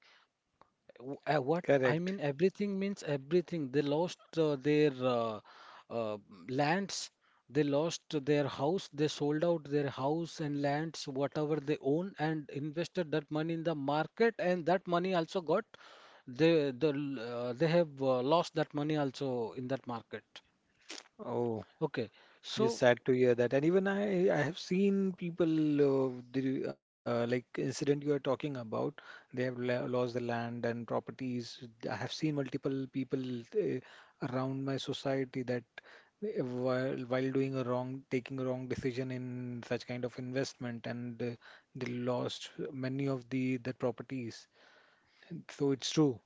S2: What I
S1: Correct.
S2: mean everything means everything. They lost their uh, lands. They lost their house. They sold out their house and lands, whatever they own, and invested that money in the market, and that money also got, they have lost that money also in that market.
S1: Oh.
S2: Okay,
S1: Yes,
S2: so
S1: sad to hear that. And even I have seen people, the like incident you are talking about. They have la lost the land and properties. I have seen multiple people uh, around my society that while doing a wrong, taking a wrong decision in such kind of investment, and they lost many of the properties. So it's true.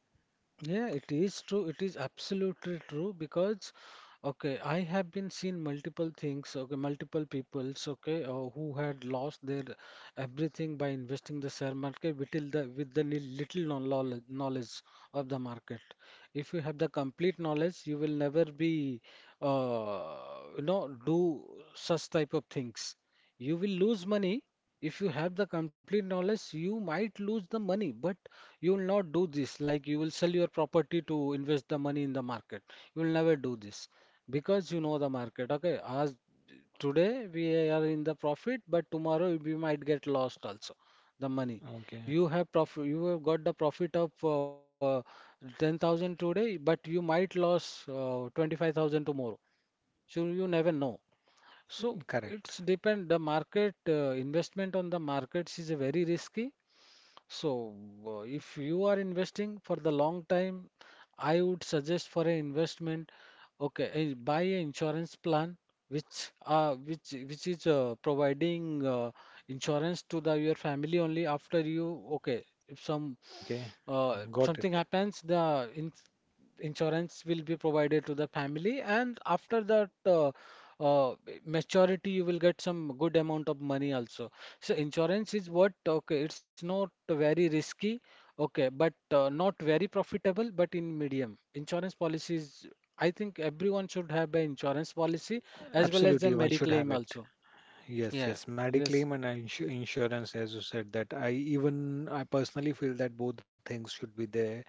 S2: yeah, it is true. It is absolutely true because okay, I have been seen multiple things. Okay, multiple peoples. Okay, who had lost their everything by investing the share market with the with the little knowledge of the market. If you have the complete knowledge, you will never be uh, do such type of things. You will lose money. If you have the complete knowledge, you might lose the money, but you will not do this. Like, you will sell your property to invest the money in the market. You will never do this because you know the market. Okay, as today we are in the profit, but tomorrow we might get lost also the money.
S1: Okay,
S2: You have profit, you have got the profit of 10,000 today, but you might lose 25,000 tomorrow. So you never know. So it's
S1: correct.
S2: depend the market investment on the markets is a very risky. So if you are investing for the long time, I would suggest for an investment, okay, buy an insurance plan which which is providing insurance to the your family only after you, okay, if some
S1: Okay, got
S2: something
S1: it.
S2: happens, the in insurance will be provided to the family, and after that uh, maturity, you will get some good amount of money also. So insurance is what? Okay, it's not very risky, okay, but not very profitable, but in medium. Insurance policies, I think everyone should have an insurance policy as well as a
S1: Absolutely, one
S2: medical
S1: should
S2: claim
S1: have it.
S2: also.
S1: Yes,
S2: Yeah,
S1: yes.
S2: yes,
S1: Mediclaim and insurance, as you said, that I even I personally feel that both things should be there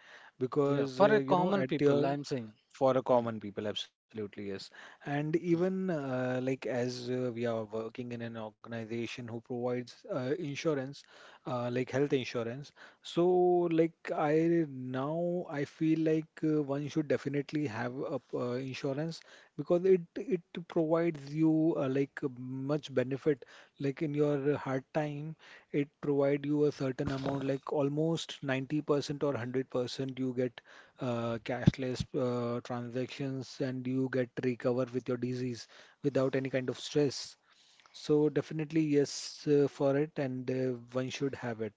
S2: yeah,
S1: because
S2: for a
S1: you know
S2: common
S1: at
S2: people, I
S1: your
S2: am saying.
S1: for a
S2: Hmm,
S1: common people, absolutely, yes. And
S2: hmm.
S1: even like as we are working in an organization who provides insurance, like health insurance. So like I now I feel like one should definitely have a insurance because it provides you like much benefit. Like in your hard time, it provide you a certain amount, like almost 90% or 100% you get cashless transactions and you get recover with your disease without any kind of stress. So definitely yes for it and one should have it.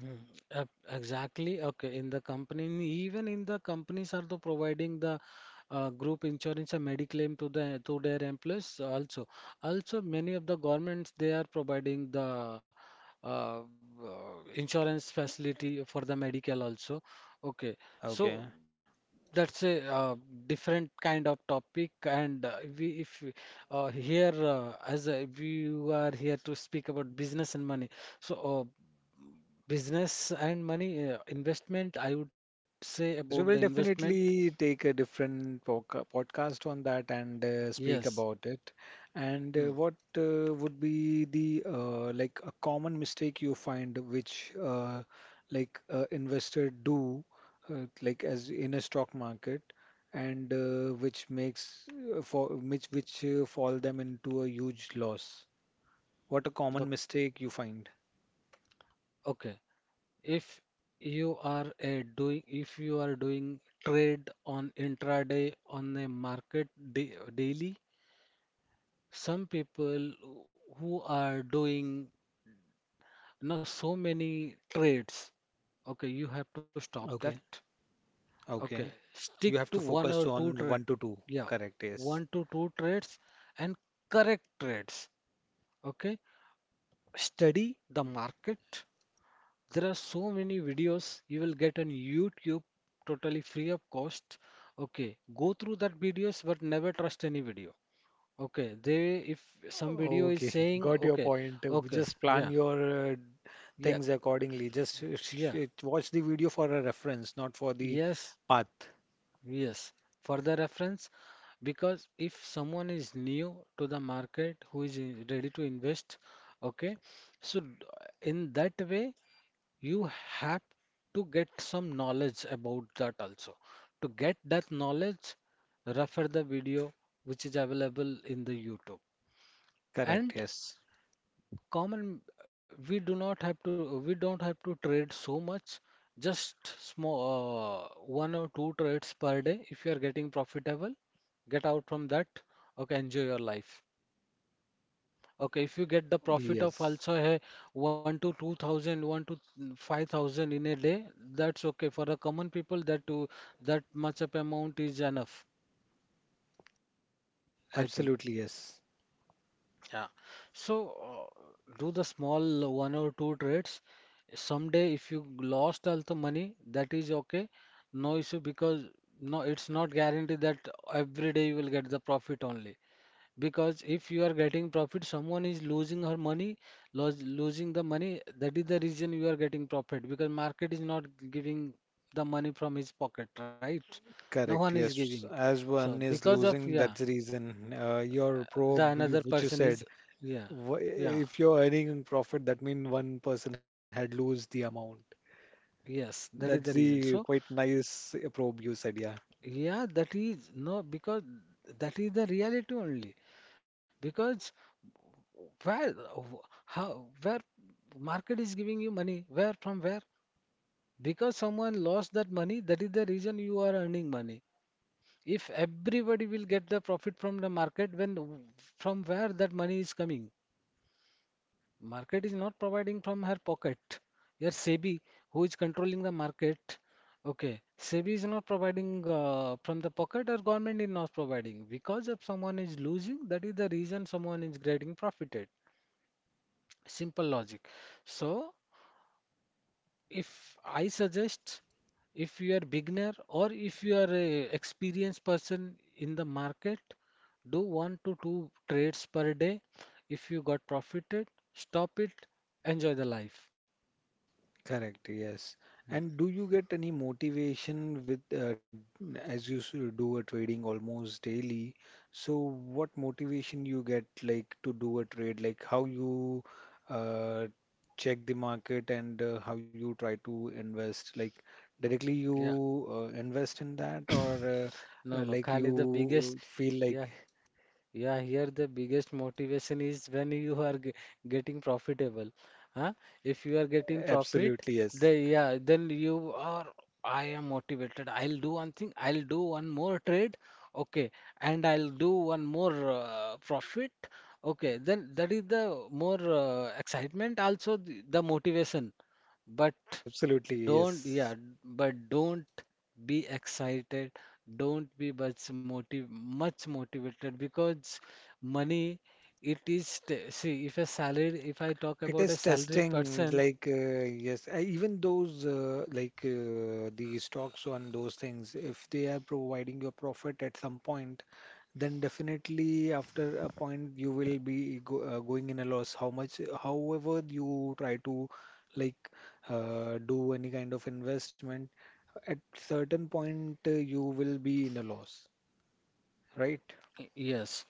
S2: Hmm, exactly. Okay. In the company, even in the companies are the providing the group insurance and mediclaim to their employees also. Also, many of the governments they are providing the uh, uh, insurance facility for the medical also. Okay. So
S1: Okay.
S2: that's a, different kind of topic and we if we, here as we are here to speak about business and money. So. Business and money, investment, I would say
S1: Yes,
S2: about the
S1: yes, we will
S2: investment.
S1: definitely take a different podcast on that and speak
S2: Yes.
S1: about it. And
S2: Hmm.
S1: what would be the like a common mistake you find which like investor do like as in a stock market, and which makes for which fall them into a huge loss. What a
S2: The,
S1: common mistake you find.
S2: okay. If you are a doing, if you are doing trade on intraday on a market da daily, some people who are doing not so many trades, okay, you have to stop
S1: Okay,
S2: that.
S1: okay.
S2: Okay,
S1: You
S2: stick
S1: have to
S2: to one
S1: focus
S2: or
S1: on
S2: two
S1: one to
S2: trade.
S1: two.
S2: Yeah,
S1: Correct, yes.
S2: one to two trades and correct trades. Okay, study the market. There are so many videos you will get on YouTube totally free of cost. Okay, go through that videos, but never trust any video. Okay, they if some video is
S1: Okay,
S2: saying,
S1: got your
S2: okay,
S1: point.
S2: okay,
S1: Just plan
S2: yeah,
S1: your
S2: yeah,
S1: things accordingly. Just
S2: yeah,
S1: watch the video for a reference, not for the
S2: yes,
S1: path.
S2: yes. For the reference, because if someone is new to the market, who is ready to invest, okay, so in that way you have to get some knowledge about that also. To get that knowledge, refer the video which is available in the YouTube.
S1: Correct,
S2: And
S1: yes.
S2: common, we do not have to, we don't have to trade so much, just small, one or two trades per day. If you are getting profitable, get out from that. Okay, enjoy your life. Okay, if you get the profit of
S1: Yes,
S2: also a 1 to 2,000, 1 to 5,000 in a day, that's okay. For the common people, that to that much of amount is enough, I think.
S1: absolutely yes.
S2: Yeah. So do the small one or two trades. Someday, if you lost all the money, that is okay. No issue, because no, it's not guaranteed that every day you will get the profit only. Because if you are getting profit, someone is losing her money, losing the money. That is the reason you are getting profit, because market is not giving the money from his pocket, right? No one
S1: Correct,
S2: is giving.
S1: yes. As
S2: So
S1: one is
S2: because of
S1: losing,
S2: yeah,
S1: that's the reason. Your
S2: the
S1: probe,
S2: another
S1: you, which you
S2: person is,
S1: said,
S2: yeah, yeah,
S1: if you're earning profit, that means one person had lose the amount.
S2: yes, that is
S1: That's
S2: the reason.
S1: the
S2: So
S1: quite nice probe you said, yeah.
S2: yeah, that is no, because that is the reality only because where, how, where market is giving you money, where from, where? Because someone lost that money, that is the reason you are earning money. If everybody will get the profit from the market, when, from where that money is coming? Market is not providing from her pocket. Your SEBI, who is controlling the market, okay, SEBI is not providing from the pocket, or government is not providing. Because if someone is losing, that is the reason someone is getting profited. Simple logic. So if I suggest, if you are beginner or if you are a experienced person in the market, do one to two trades per day. If you got profited, stop it, enjoy the life.
S1: Correct, yes.
S2: Hmm.
S1: And do you get any motivation with as do a trading almost daily? So what motivation you get like to do a trade, like how you uh, check the market and how you try to invest? Like directly
S2: Yeah,
S1: you invest in that or
S2: no, no,
S1: like
S2: Kali, the biggest,
S1: you feel
S2: yeah,
S1: like
S2: yeah, here the biggest motivation is when you are getting profitable. Huh? If you are getting profit,
S1: absolutely yes.
S2: the yeah, then you are, I am motivated. I'll do one thing. I'll do one more trade. Okay, and I'll do one more profit. Okay, then that is the more excitement, also the motivation. But
S1: Absolutely
S2: don't, yeah,
S1: yes.
S2: but don't be excited, don't be much motivated, because money, it is see, if a salary, if I talk
S1: It
S2: about a
S1: is
S2: salaried
S1: testing,
S2: person,
S1: like, yes, even those, the stocks on those things, if they are providing you a profit at some point, then definitely after a point you will be going in a loss. How much, however, you try to, like, do any kind of investment, at certain point you will be in a loss, right?
S2: y- yes,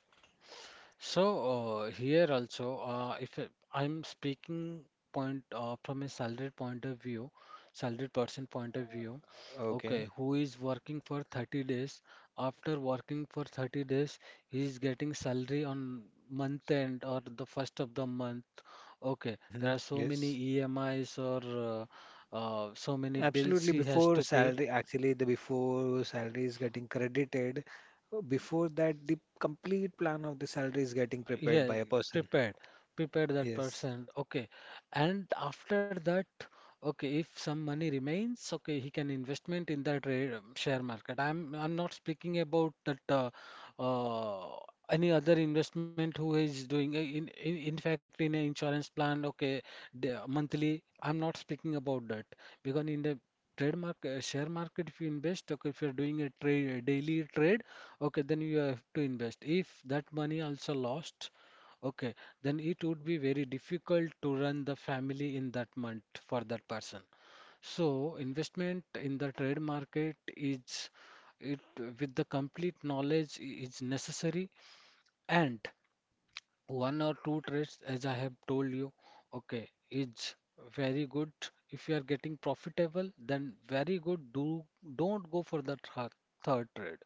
S2: so here also if I'm speaking point, from a salaried point of view, salaried person point of view, okay,
S1: Okay.
S2: who is working for 30 days, after working for 30 days, he is getting salary on month end or the first of the month. Okay, there
S1: Hmm.
S2: are so many
S1: Yes.
S2: EMIs or so many bills
S1: Absolutely,
S2: she has
S1: before
S2: to pay.
S1: salary, actually, the before salary is getting credited, before that, the complete plan of the salary is getting prepared
S2: Yeah,
S1: by a person.
S2: prepared, prepared that
S1: Yes,
S2: person. Okay, and after that, okay, if some money remains, okay, he can investment in that share market. I'm not speaking about that uh, any other investment who is doing uh, in in fact in an insurance plan. Okay, the monthly. I'm not speaking about that, because in the trade market, share market, if you invest, okay, if you're doing a trade daily trade, okay, then you have to invest. If that money also lost, okay, then it would be very difficult to run the family in that month for that person. So investment in the trade market is, it with the complete knowledge is necessary, and one or two trades, as I have told you, okay, is very good. If you are getting profitable, then very good. Do don't go for the third trade.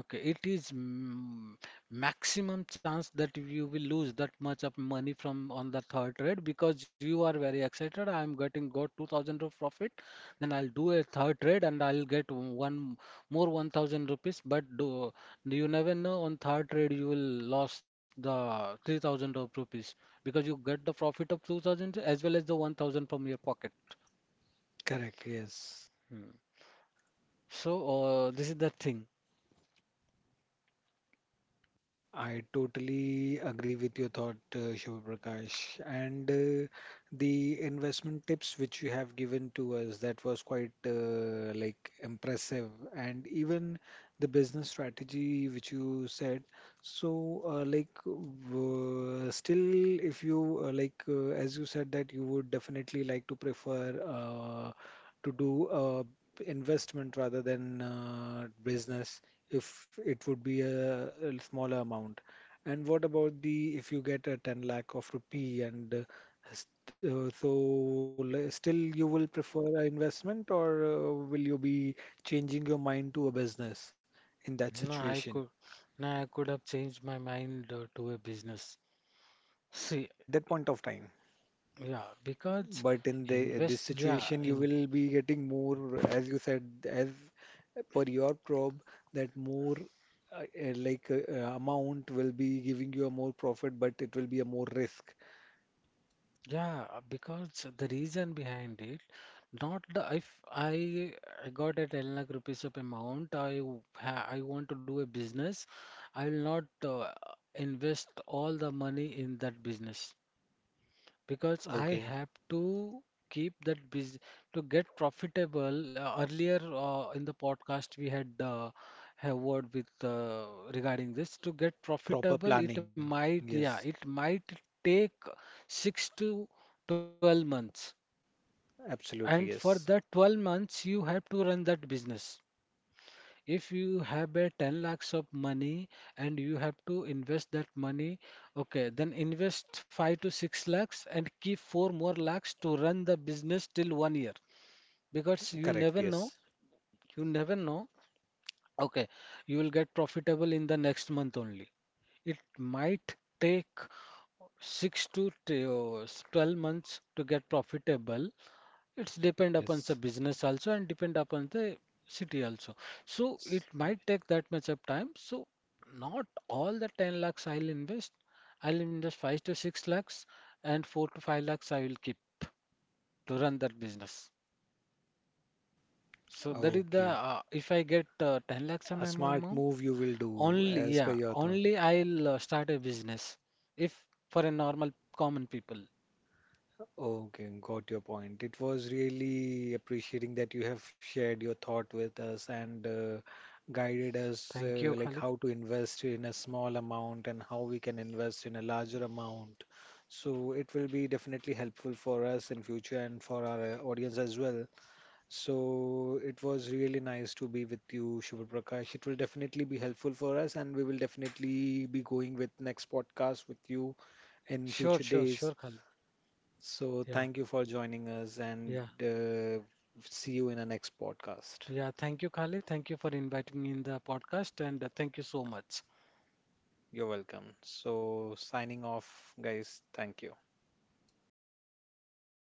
S2: Okay, it is maximum chance that you will lose that much of money from on the third trade because you are very excited. I am getting got 2000 of profit, then I'll do a third trade and I'll get one more 1000 rupees. But do, you never know, on third trade you will lose the 3000 of rupees because you get the profit of 2000 as well as the 1000 from your pocket.
S1: correct. Yes,
S2: Hmm. So this is the thing.
S1: I totally agree with your thought, Shiva Prakash. And the investment tips which you have given to us that was quite like impressive and even the business strategy which you said, so still if you as you said that you would definitely like to prefer to do investment rather than business if it would be a smaller amount, and what about the if you get a 10 lakh of rupee and so, still you will prefer an investment, or will you be changing your mind to a business in that
S2: No, I could,
S1: situation
S2: no, I could have changed my mind to a business. See,
S1: at that point of time?
S2: yeah, because
S1: But in the
S2: invest,
S1: this
S2: yeah,
S1: situation, you
S2: in,
S1: will be getting more, as you said, as per your probe, that more amount will be giving you a more profit, but it will be a more risk.
S2: yeah, because the reason behind it, not the if I I got a 10 lakh rupees of amount, I want to do a business, I will not invest all the money in that business, because I
S1: Okay,
S2: have to keep that business to get profitable. Earlier in the podcast, we had a word with regarding this. To get
S1: proper
S2: profitable, it
S1: planning.
S2: might, yeah,
S1: Yes,
S2: it might take six to 12 months.
S1: absolutely.
S2: And for
S1: Yes,
S2: that 12 months, you have to run that business if you have a 10 lakhs of money and you have to invest that money, okay, then invest 5 to 6 lakhs and keep 4 more lakhs to run the business till 1 year, because
S1: correct. Yes,
S2: you never know, okay, you will get profitable in the next month only. It might take 6 to 12 months to get profitable. It's depend upon
S1: yes.
S2: the business also and depend upon the city also. So it might take that much of time. So not all the 10 lakhs I'll invest. I'll invest 5 to 6 lakhs, and 4 to 5 lakhs I will keep to run that business. So that is the,
S1: Okay.
S2: if I get 10 lakhs of
S1: A
S2: my
S1: smart
S2: amount,
S1: move you will do
S2: only
S1: as per
S2: yeah,
S1: your thought.
S2: only I'll start a business if for a normal common people.
S1: Okay, got your point. It was really appreciating that you have shared your thought with us and guided us
S2: Thank you,
S1: like
S2: Khalid.
S1: how to invest in a small amount and how we can invest in a larger amount. So it will be definitely helpful for us in future and for our audience as well. So it was really nice to be with you, Prakash. It will definitely be helpful for us, and we will definitely be going with next podcast with you in
S2: Sure,
S1: future
S2: sure,
S1: days.
S2: sure, Khalid.
S1: So
S2: Yeah,
S1: thank you for joining us, and
S2: yeah.
S1: see you in the next podcast.
S2: Yeah, thank you, Khalid. Thank you for inviting me in the podcast, and thank you so much.
S1: You're welcome. So signing off, guys. Thank you.